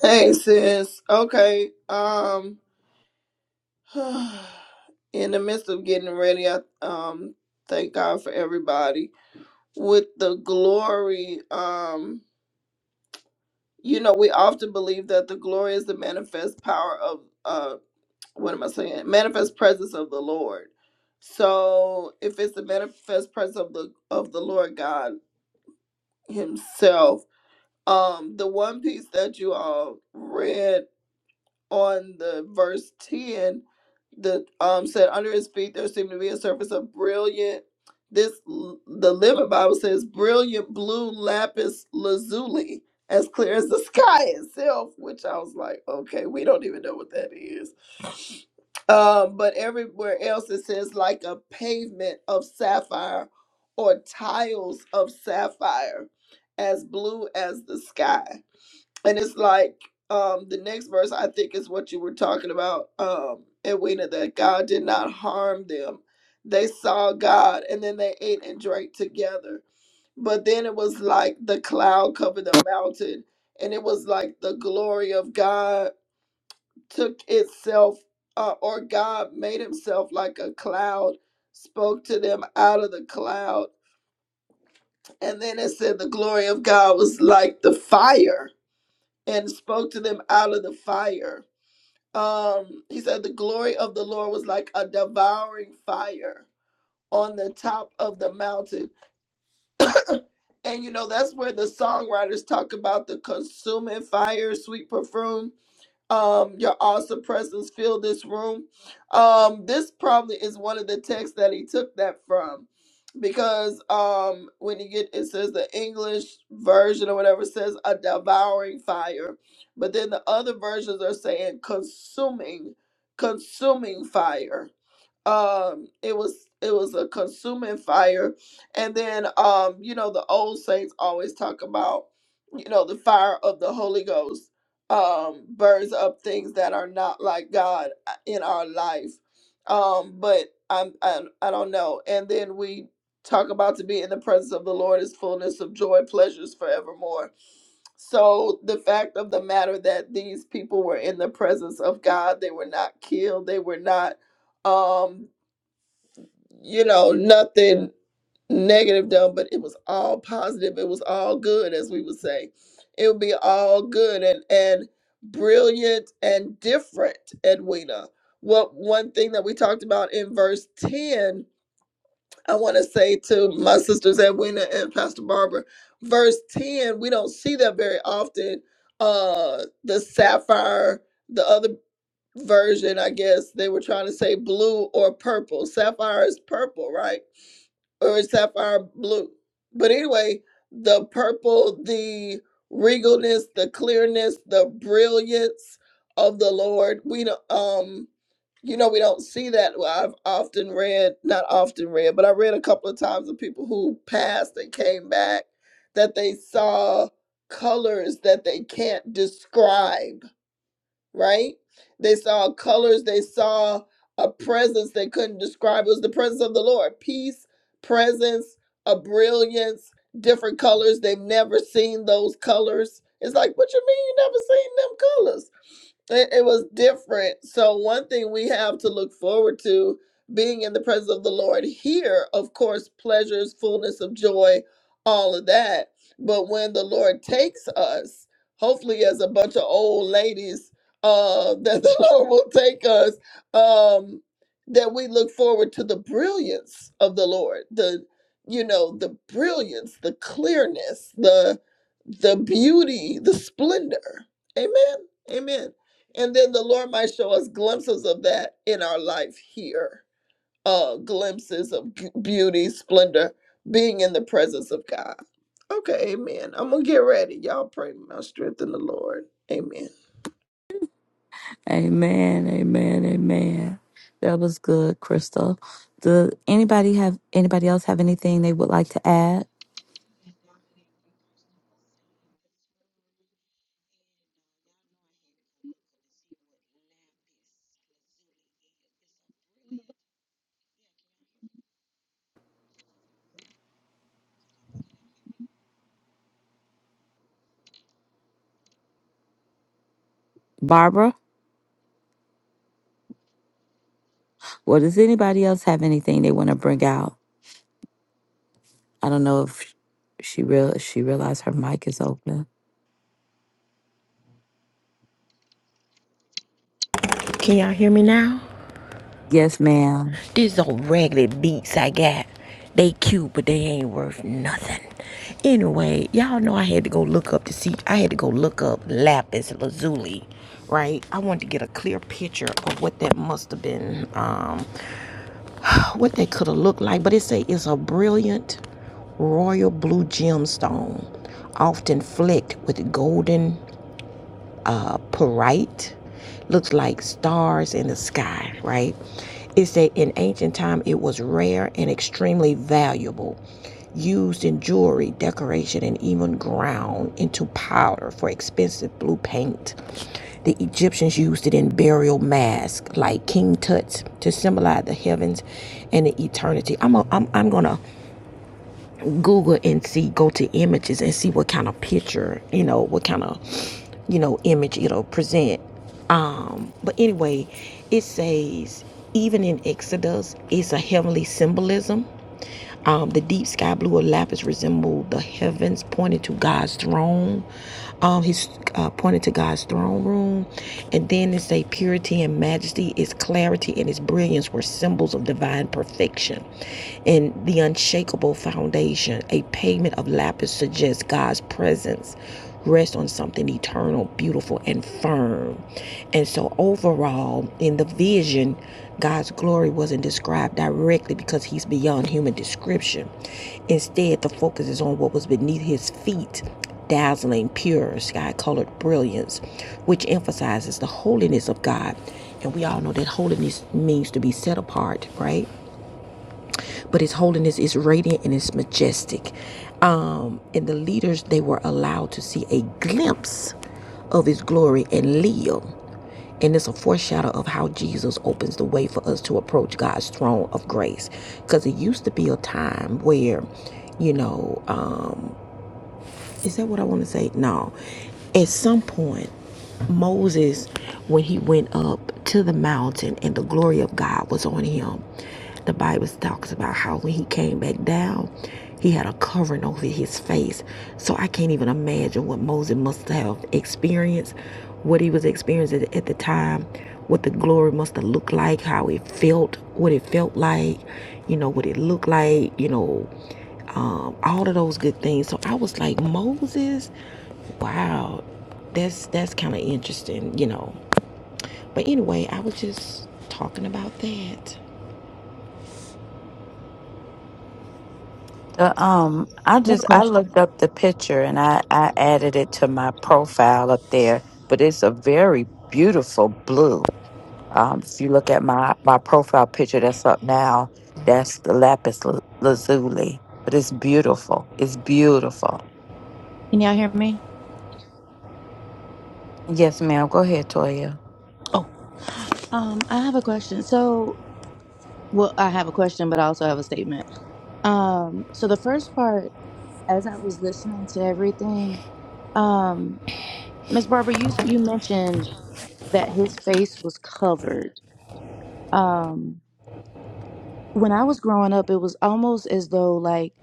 [SPEAKER 4] Hey sis. Okay. Um in the midst of getting ready, I um thank God for everybody. With the glory, um you know, we often believe that the glory is the manifest power of uh what am I saying? Manifest presence of the Lord. So if it's the manifest presence of the of the Lord God Himself, um, the one piece that you all read on the verse 10 the um said under his feet there seemed to be a surface of brilliant this l- the living bible says brilliant blue lapis lazuli as clear as the sky itself which i was like okay we don't even know what that is um but everywhere else it says like a pavement of sapphire or tiles of sapphire as blue as the sky and it's like um the next verse i think is what you were talking about um edwina that god did not harm them they saw god and then they ate and drank together but then it was like the cloud covered the mountain and it was like the glory of god took itself uh, or god made himself like a cloud spoke to them out of the cloud and then it said the glory of god was like the fire and spoke to them out of the fire um he said the glory of the lord was like a devouring fire on the top of the mountain and you know that's where the songwriters talk about the consuming fire sweet perfume um your awesome presence fill this room um this probably is one of the texts that he took that from because um when you get it says the english version or whatever says a devouring fire but then the other versions are saying consuming consuming fire um it was it was a consuming fire and then um you know the old saints always talk about you know the fire of the holy ghost um burns up things that are not like god uh, in our life um but i'm i, I don't know and then we talk about to be in the presence of the lord is fullness of joy pleasures forevermore so the fact of the matter that these people were in the presence of God, they were not killed, they were not um you know, nothing negative done, but it was all positive. It was all good, as we would say. It would be all good and and brilliant and different, Edwina. What one thing that we talked about in verse 10, I want to say to my sisters Edwina and Pastor Barbara, verse 10, we don't see that very often. Uh the sapphire, the other version, I guess they were trying to say blue or purple. Sapphire is purple, right? or is sapphire blue. But anyway, the purple, the regalness, the clearness, the brilliance of the Lord. We don't, um, you know, we don't see that. Well, I've often read, not often read, but I read a couple of times of people who passed and came back that they saw colors that they can't describe right? They saw colors, they saw a presence they couldn't describe. It was the presence of the Lord peace, presence, a brilliance, different colors. They've never seen those colors. It's like, what you mean you never seen them colors? it, it was different. So one thing we have to look forward to being in the presence of the Lord here, of course, pleasures, fullness of joy, all of that. But when the Lord takes us, hopefully as a bunch of old ladies, uh, that the Lord will take us, um, that we look forward to the brilliance of the Lord, the you know, the brilliance, the clearness, the the beauty, the splendor. Amen. Amen. And then the Lord might show us glimpses of that in our life here uh, glimpses of beauty, splendor, being in the presence of God. Okay, amen. I'm going to get ready. Y'all pray my strength in the Lord. Amen.
[SPEAKER 3] amen amen amen that was good crystal Does anybody have anybody else have anything they would like to add barbara Well, does anybody else have anything they want to bring out? I don't know if she real she realized her mic is open. Yes, ma'am.
[SPEAKER 1] Wait, I know I had to go look up this. I had to go look up lapis, right? I wanted to get clear what must have been, um, what they could have looked like. But it say it's a brilliant and an eternity. I'm a, I'm I'm gonna Google and see, go to images and see what kind of picture, you know, what kind of you know image it'll present. But anyway. saved. Even in Exodus, it's a heavenly symbolism. Um, the deep sky blue of lapis resemble the heavens, pointing to God's throne. Um, he's uh, pointed to God's throne room, and then it's a purity and majesty. No, at some point moses when he went up to the mountain and the glory of god was on him the bible talks about how when he came back down He had a covering over his face. So I can't even imagine what Moses must have experienced, what he was experiencing at the time, what the glory must have looked like, how it felt, what it felt like, you know, what it looked like, you know, all of the.
[SPEAKER 3] The, um, I just I looked up the picture and I I added it to my profile up there, but it's a very beautiful blue. Um, if you look at my my profile picture that's up now, that's the lapis la- lazuli, but it's beautiful. It's beautiful.
[SPEAKER 2] Can y'all hear me?
[SPEAKER 3] Yes, ma'am. Go ahead, Toya.
[SPEAKER 2] Oh, Um, I have a question. So, well, I have a question, but I also have a statement. Um, so the first part. as I was listening to everything, um, Miss Barbara, you you mentioned that his face was covered. Um, when I was growing up, it was almost as though like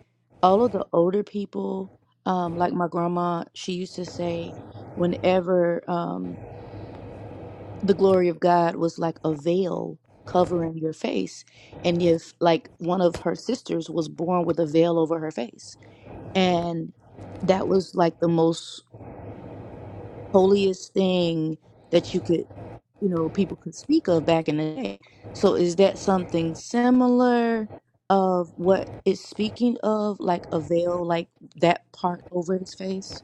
[SPEAKER 2] all of the older people, um, like my grandma, she used to say, whenever um, the glory of God was like a veil covering your face, and if like one of her sisters was born with a veil over her face, and that was like the most holiest thing that you could, you know, people could speak of back in the day. So is that something similar of what it's speaking of, like a veil, like that part over his face,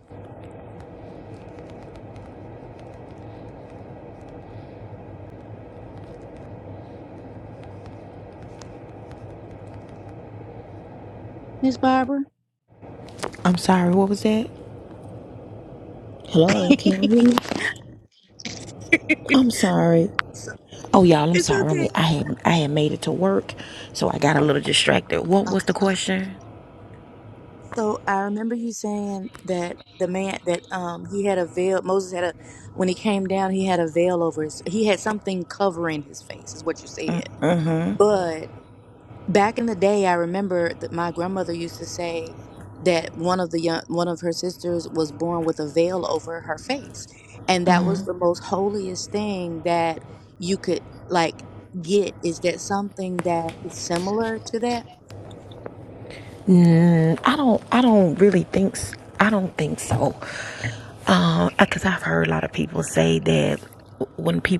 [SPEAKER 2] Miss Barbara?
[SPEAKER 1] I'm sorry, what was that? Hello.
[SPEAKER 2] So it's okay. Okay. So I remember you saying that the man that um he had a veil Moses had a when he came down he had a veil over his he had something covering his face is what you said. but. back in the day i remember that my grandmother used to say that one of the young one of her sisters was born with a veil over her face and that was the most holiest thing that you could like get is that something that is similar to that
[SPEAKER 1] And People.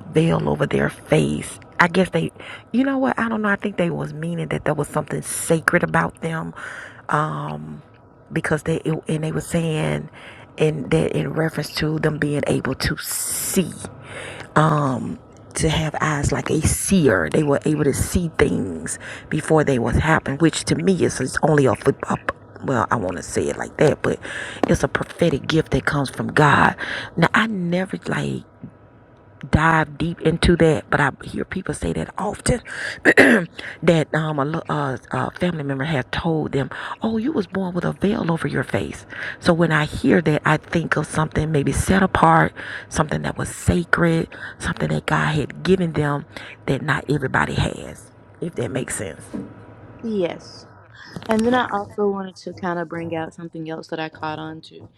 [SPEAKER 1] veil over their face. I guess they, you know what? I don't know. I think they was meaning that there was something sacred about them, um, because they it, and they were saying, in that in reference to them being able to see, um, to have eyes like a seer. They were able to see things before they was happened, which to me is is only a, fo- a well, I want to say it like that, but it's a prophetic gift that comes from God. Now, I never like dive deep into that, but I hear people say that often that um, a, lo- uh, a family member has told them, "Oh, you was born with a veil over your face." So when I hear that, I think of something maybe set apart, something that was sacred, something that God had given them that not everybody has. If that makes sense.
[SPEAKER 2] yes and then i also wanted to kind of bring out something else that i caught on to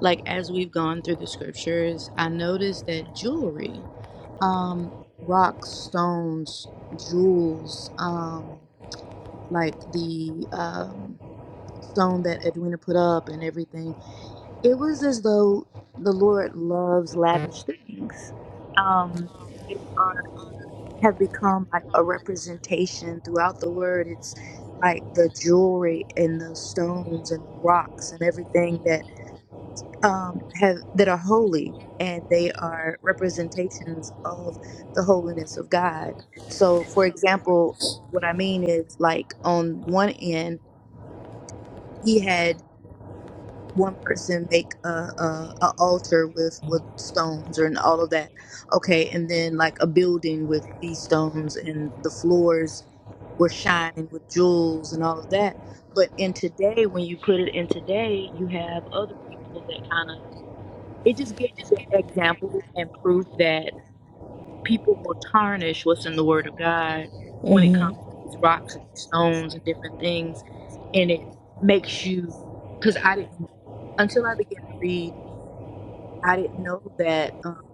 [SPEAKER 2] like as we've gone through the scriptures i noticed that jewelry um rocks stones jewels um like the um, stone that Edwina put up and everything, it was as though the Lord loves lavish things. Um, and they are have become like a representation throughout the word. It's like the jewelry and the stones and the rocks and everything that um, have that are holy, and they are representations of the holiness of God. So, for example, what I mean is like on one end he had one person make a, a a altar with with stones and all of that okay and then like a building with these stones and the floors were shining with jewels and all of that but in today when you put it in today you have other people that kind of it just gives you that example and proof that people will tarnish what's in the word of god when it comes to these rocks and these stones and different things and it makes you because I didn't until I began to read, I didn't know that um,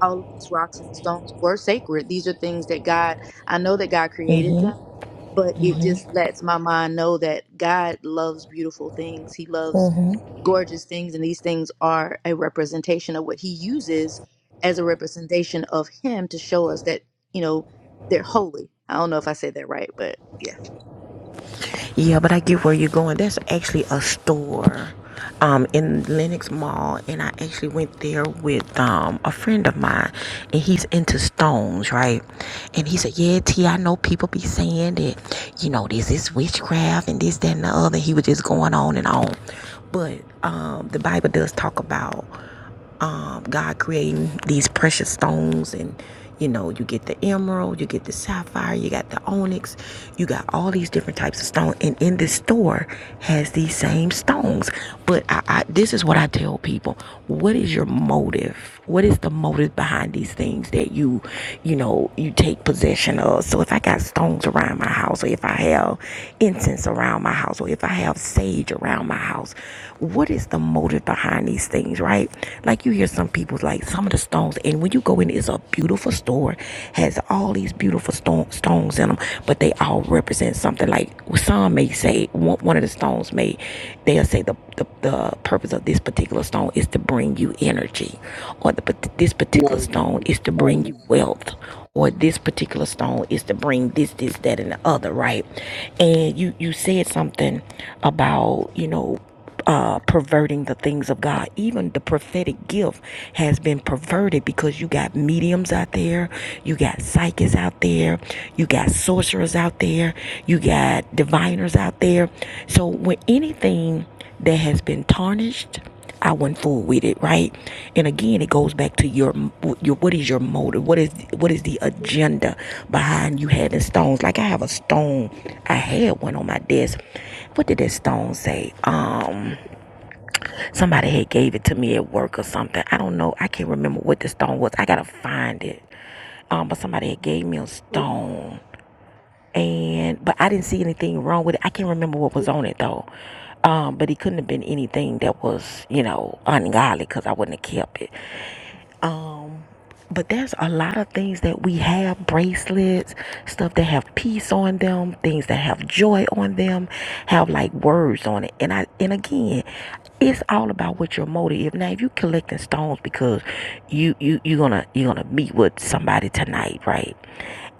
[SPEAKER 2] all of these rocks and these stones were sacred. These are things that God, I know that God created them, but it just lets my mind know that God loves beautiful things. He loves gorgeous things, and these things are a representation of what He uses as a representation of Him to show us that, you know, they're holy. I don't know if I said that right, but yeah.
[SPEAKER 1] Yeah, but I get where you're going. That's actually a store um, in Lenox Mall, and I actually went there with um, a friend of mine, and he's into stones, right? And he said, "Yeah, T, I know people be saying that, you know, this is witchcraft and this, that, and the other." He was just going on and on, but um, the Bible does talk about um, God creating these precious stones and you know you get the emerald you get the sapphire you got the onyx you got all these different types of stone and in this store has these same stones but I, I this is what i tell people what is your motive what is the motive behind these things that you, you know, you take possession of? So if I got stones around my house, or if I have incense around my house, or if I have sage around my house, what is the motive behind these things, right? Like you hear some people like some of the stones, and when you go in, it's a beautiful store, has all these beautiful stone, stones in them, but they all represent something. Like some may say one of the stones made, they'll say the, the, the purpose of this particular stone is to bring you energy, or the, this particular
[SPEAKER 9] No,
[SPEAKER 1] stone is to bring
[SPEAKER 9] um,
[SPEAKER 1] you wealth, or this particular stone is to bring this, this, that, and the other, right? And you, you said something about, you know, uh, perverting the things of God. Even the prophetic gift has been perverted because you got mediums out there, you got psychics out there, you got sorcerers out there, you got diviners out there. So when anything that has been tarnished, I won't fool with it, right? And again, it goes back to your your what is your motive? What is what is the agenda behind you having stones? Like I have a stone, I had one on my desk what did that stone say? Um, somebody had gave it to me at work or something. I don't know. I can't remember what the stone was. I gotta find it. Um, but somebody had gave me a stone, and but I didn't see anything wrong with it. I can't remember what was on it though. Um, but it couldn't have been anything that was, you know, ungodly because I wouldn't have kept it. Um, but there's a lot of things that we have bracelets, stuff that have peace on them, things that have joy on them, have like words on it. And I and again, it's all about what your motive. Now, if you collecting stones because you you you're gonna you're gonna meet with somebody tonight, right?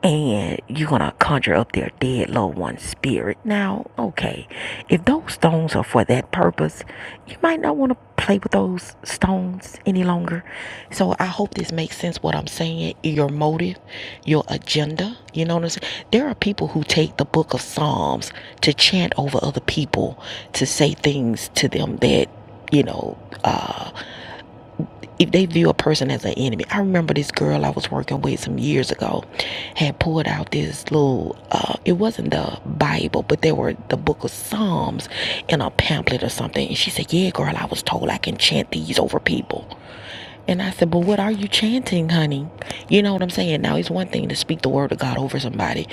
[SPEAKER 1] And you're gonna conjure up their dead loved one's spirit. Now, okay, if those stones are for that purpose, you might not want to play with those stones any longer so I hope this makes sense what I'm saying, your motive, your agenda. You know what I'm saying? There are people who take the book of Psalms to chant over other people, to say things to them that, you know, uh, if they view a person as an enemy. I remember this girl I was working with some years ago had pulled out this little, uh, it wasn't the Bible, but there were the book of Psalms in a pamphlet or something. And she said, Yeah, girl, I was told I can chant these over people. And I said, But what are you chanting, honey? You know what I'm saying? Now, it's one thing to speak the word of God over somebody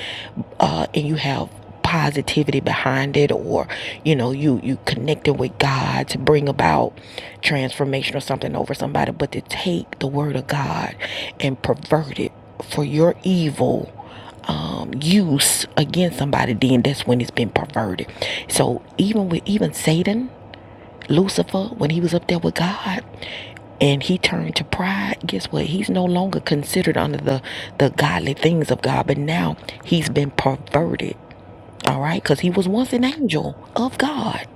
[SPEAKER 1] uh, and you have positivity behind it or you know you you connected with god to bring about transformation or something over somebody but to take the word of god and pervert it for your evil um, use against somebody then that's when it's been perverted so even with even satan lucifer when he was up there with god and he turned to pride, guess what? He's no longer considered under the, the godly things of God, but now he's been perverted, all right? Because he was once an angel of God,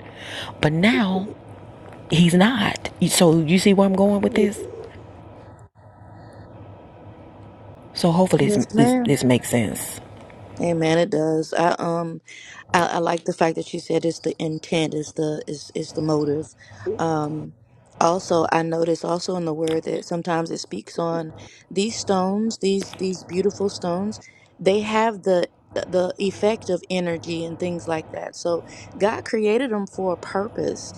[SPEAKER 1] but now he's not. So you see where I'm going with this? So hopefully this,
[SPEAKER 2] Yes,
[SPEAKER 1] this,
[SPEAKER 2] ma'am.
[SPEAKER 1] this makes sense.
[SPEAKER 2] Amen. It does. I um I, I like the fact that you said it's the intent, is the is is the motive. Um, also, I notice also in the word that sometimes it speaks on these stones, these these beautiful stones. They have the the effect of energy and things like that. So God created them for a purpose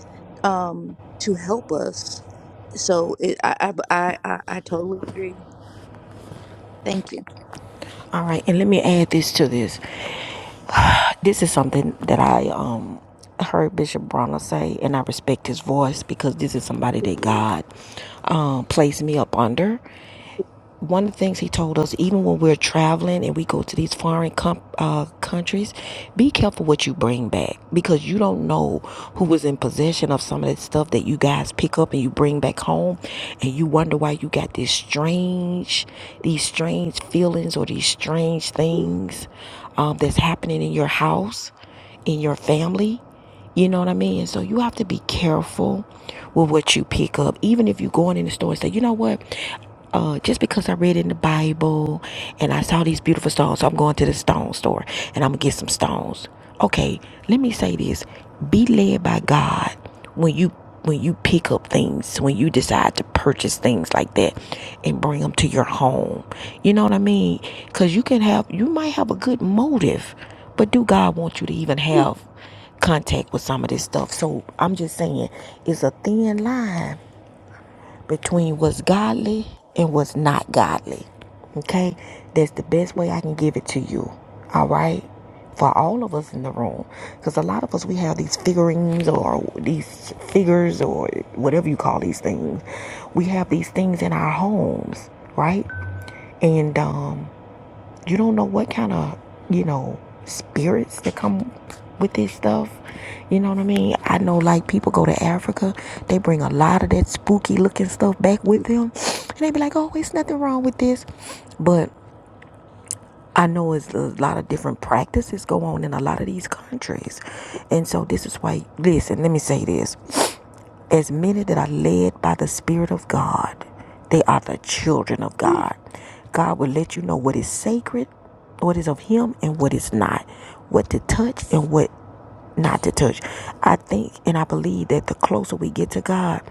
[SPEAKER 2] um, to help us. So it, I, I I I I totally agree. Thank you.
[SPEAKER 1] All right, and let me add this to this. This is something that I um heard Bishop Bronner say, and I respect his voice because this is somebody that God um, placed me up under. one of the things he told us, even when we're traveling and we go to these foreign com- uh, countries, be careful what you bring back because you don't know who was in possession of some of that stuff that you guys pick up and you bring back home, and you wonder why you got this strange, these strange feelings or these strange things um, that's happening in your house, in your family. You know what I mean? So you have to be careful with what you pick up. Even if you're going in the store and say, you know what? Uh, just because I read in the Bible and I saw these beautiful stones, so I'm going to the stone store and I'm going to get some stones. Okay, let me say this. Be led by God when you when you pick up things, when you decide to purchase things like that and bring them to your home. You know what I mean? Cuz you can have you might have a good motive, but do God want you to even have? contact with some of this stuff. So I'm just saying it's a thin line between what's godly and what's not godly. Okay? That's the best way I can give it to you. All right? For all of us in the room. Because a lot of us, we have these figurines or these figures or whatever you call these things. We have these things in our homes, right? And, um, you don't know what kind of, you know, spirits that come with this stuff. You know what I mean? I know like people go to Africa, they bring a lot of that spooky looking stuff back with them. And they be like, oh, it's nothing wrong with this. But I know it's a lot of different practices go on in a lot of these countries. And so this is why, listen, let me say this. As many that are led by the Spirit of God, they are the children of God. God will let you know what is sacred, what is of Him, and what is not, what to touch and what not to touch. I think and I believe that the closer we get to God,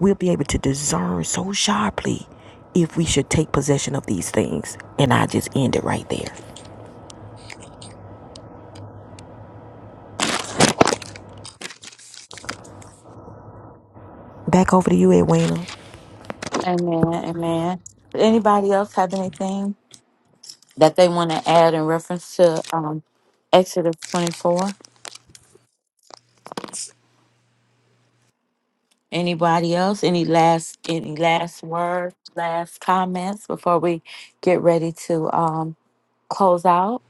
[SPEAKER 1] we'll be able to discern so sharply if we should take possession of these things. And I just end it right there. Back over to you, Edwina.
[SPEAKER 3] Amen. Amen. Anybody else have anything? that they want to add in reference to um, Exodus 24? Anybody else? Any last any last words, last comments before we get ready to um, close out?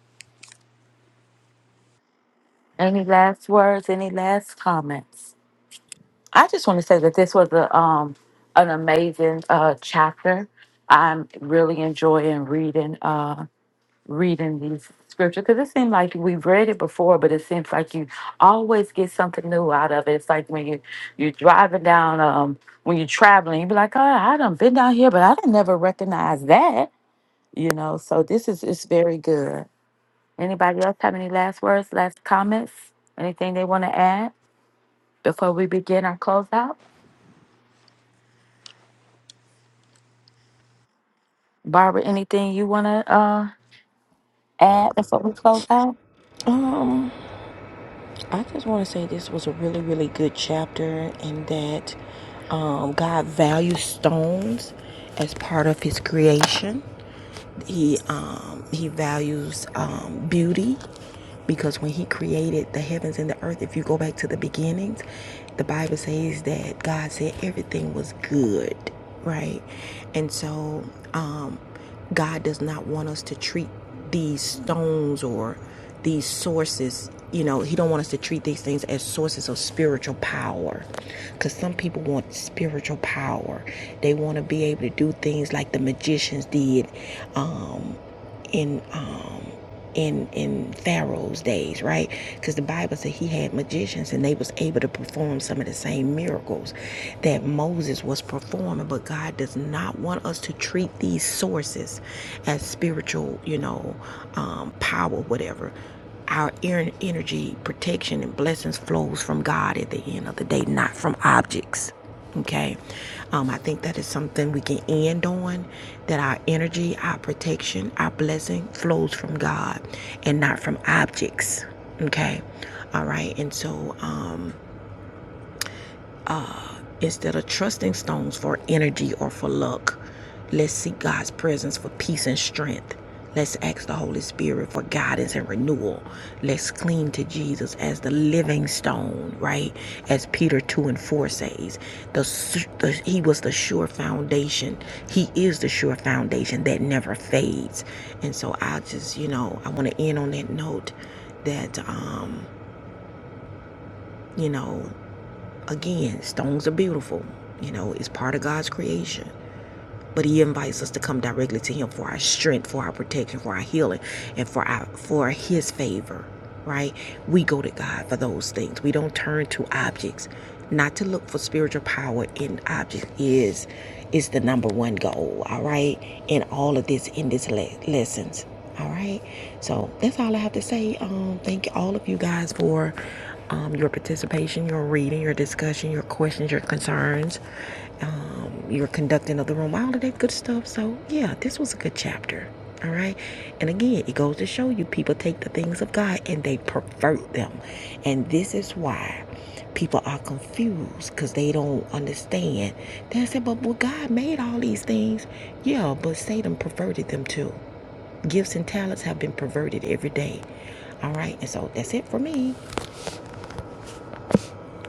[SPEAKER 3] Any last words? Any last comments? I just want to say that this was a um, an amazing uh, chapter. I'm really enjoying reading. Uh, reading these scriptures because it seems like we've read it before, but it seems like you always get something new out of it. It's like when you you're driving down, um, when you're traveling, you be like, "Oh, I done been down here, but I done never recognized that," you know. So this is it's very good. Anybody else have any last words, last comments, anything they want to add before we begin our closeout? Barbara, anything you want to uh add before we close out?
[SPEAKER 1] Um I just want to say this was a really, really good chapter, and that um, God values stones as part of His creation. He um, He values um, beauty because when He created the heavens and the earth, if you go back to the beginnings, the Bible says that God said everything was good, right? And so um, God does not want us to treat these stones or these sources you know he don't want us to treat these things as sources of spiritual power because some people want spiritual power they want to be able to do things like the magicians did um, in um in in Pharaoh's days, right? Because the Bible said he had magicians and they was able to perform some of the same miracles that Moses was performing. But God does not want us to treat these sources as spiritual, you know, um, power, whatever. Our en- energy, protection, and blessings flows from God at the end of the day, not from objects. Okay. Um, I think that is something we can end on that our energy, our protection, our blessing flows from God and not from objects. Okay. All right. And so, um, Instead of trusting stones for energy or for luck, let's seek God's presence for peace and strength. Let's ask the Holy Spirit for guidance and renewal. Let's cling to Jesus as the living stone, right? As Peter 2 and 4 says, the, the, He was the sure foundation. He is the sure foundation that never fades. And so I just, you know, I want to end on that note that, um, you know, Again, stones are beautiful. You know, it's part of God's creation. But he invites us to come directly to him for our strength, for our protection, for our healing, and for our for his favor. Right? We go to God for those things. We don't turn to objects. Not to look for spiritual power in objects is is the number one goal, all right? In all of this in this le- lessons. All right. So that's all I have to say. Um, thank all of you guys for um, your participation, your reading, your discussion, your questions, your concerns, um, your conducting of the room, all of that good stuff. So, yeah, this was a good chapter. All right. And again, it goes to show you people take the things of God and they pervert them. And this is why people are confused because they don't understand. They say, but well, God made all these things. Yeah, but Satan perverted them too. Gifts and talents have been perverted every day. All right, and so that's it for me.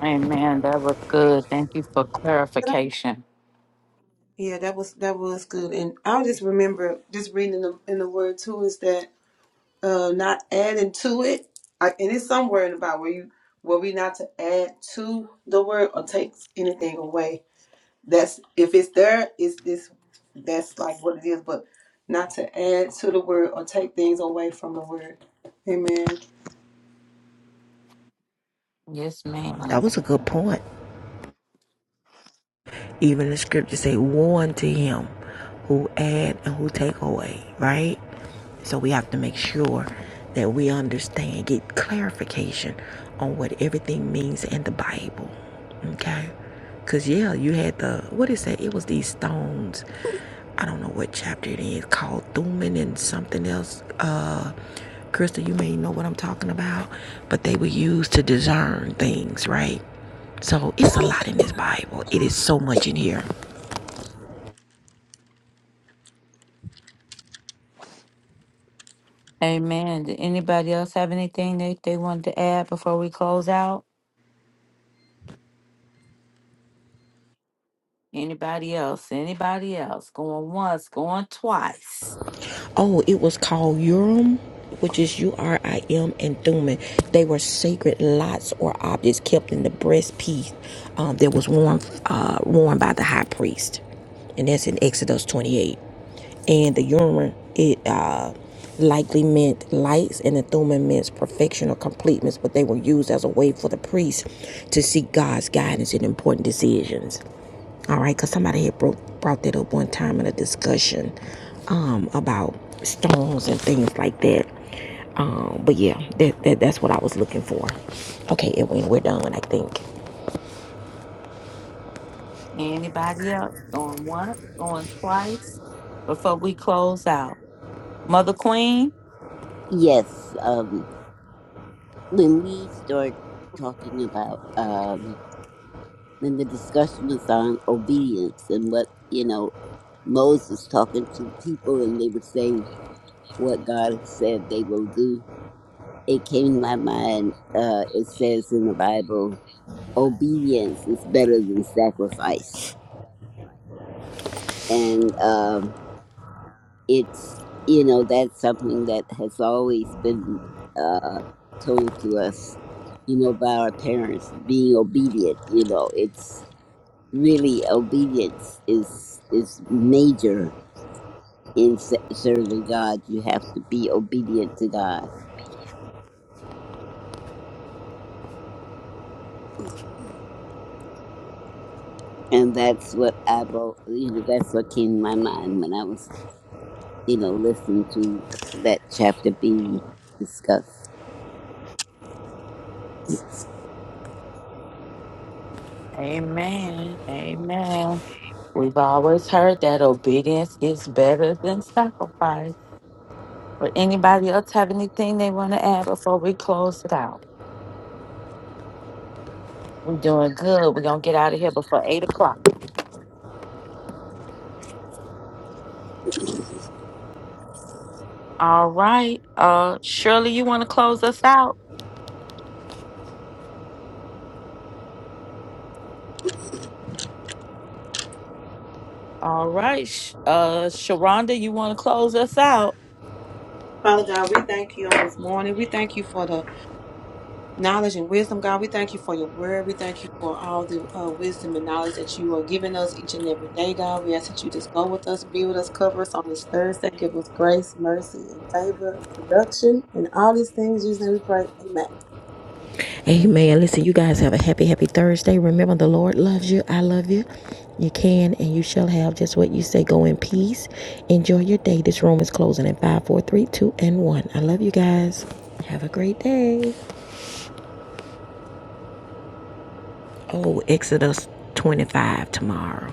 [SPEAKER 3] Amen. That was good. Thank you for clarification.
[SPEAKER 6] Yeah, that was that was good, and I just remember just reading in the in the word too is that uh not adding to it, I, and it's somewhere in about where you where we not to add to the word or take anything away. That's if it's there, it's this that's like what it is, but not to add to the word or take things away from the word. Amen.
[SPEAKER 3] Yes,
[SPEAKER 1] That
[SPEAKER 3] ma'am.
[SPEAKER 1] was a good point. Even the scripture say, "Warn to him who add and who take away." Right. So we have to make sure that we understand, get clarification on what everything means in the Bible. Okay. Cause yeah, you had the what is that? It was these stones. I don't know what chapter it is called Thuman and something else. Uh Crystal, you may know what I'm talking about, but they were used to discern things, right? So it's a lot in this Bible. It is so much in here.
[SPEAKER 3] Amen. Did anybody else have anything that they wanted to add before we close out? Anybody else? Anybody else? Going once, going twice.
[SPEAKER 1] Oh, it was called Urim, which is U R I M, and Thummim. They were sacred lots or objects kept in the breastpiece um, that was worn uh, worn by the high priest, and that's in Exodus 28. And the Urim it uh, likely meant lights, and the Thummim meant perfection or completeness. But they were used as a way for the priest to seek God's guidance in important decisions. All right, because somebody had broke, brought that up one time in a discussion um, about stones and things like that. Um, but yeah, that, that that's what I was looking for. Okay, Edwin, we're done, I think.
[SPEAKER 3] Anybody else? Going once, going twice before we close out. Mother Queen?
[SPEAKER 9] yes. Um, when we start talking about um, when the discussion was on obedience and what you know Moses talking to the people and they were saying what God has said they will do, it came to my mind. Uh, it says in the Bible, obedience is better than sacrifice, and um, it's you know that's something that has always been uh, told to us you know by our parents being obedient you know it's really obedience is is major in se- serving god you have to be obedient to god and that's what i've al- you know that's what came to my mind when i was you know listening to that chapter being discussed
[SPEAKER 3] Amen. Amen. We've always heard that obedience is better than sacrifice. But anybody else have anything they want to add before we close it out? We're doing good. We're gonna get out of here before eight o'clock. All right. Uh Shirley, you wanna close us out? All right. Sh- Uh Sharonda, you wanna close us out?
[SPEAKER 6] Father God, we thank you on this morning. We thank you for the knowledge and wisdom, God. We thank you for your word. We thank you for all the uh, wisdom and knowledge that you are giving us each and every day, God. We ask that you just go with us, be with us, cover us on this Thursday. Give us grace, mercy, and favor and production and all these things. In Jesus' name we pray. Amen.
[SPEAKER 1] Amen. Listen, you guys have a happy, happy Thursday. Remember, the Lord loves you. I love you. You can and you shall have just what you say. Go in peace. Enjoy your day. This room is closing at five, four, three, two, and 1. I love you guys. Have a great day. Oh, Exodus 25 tomorrow.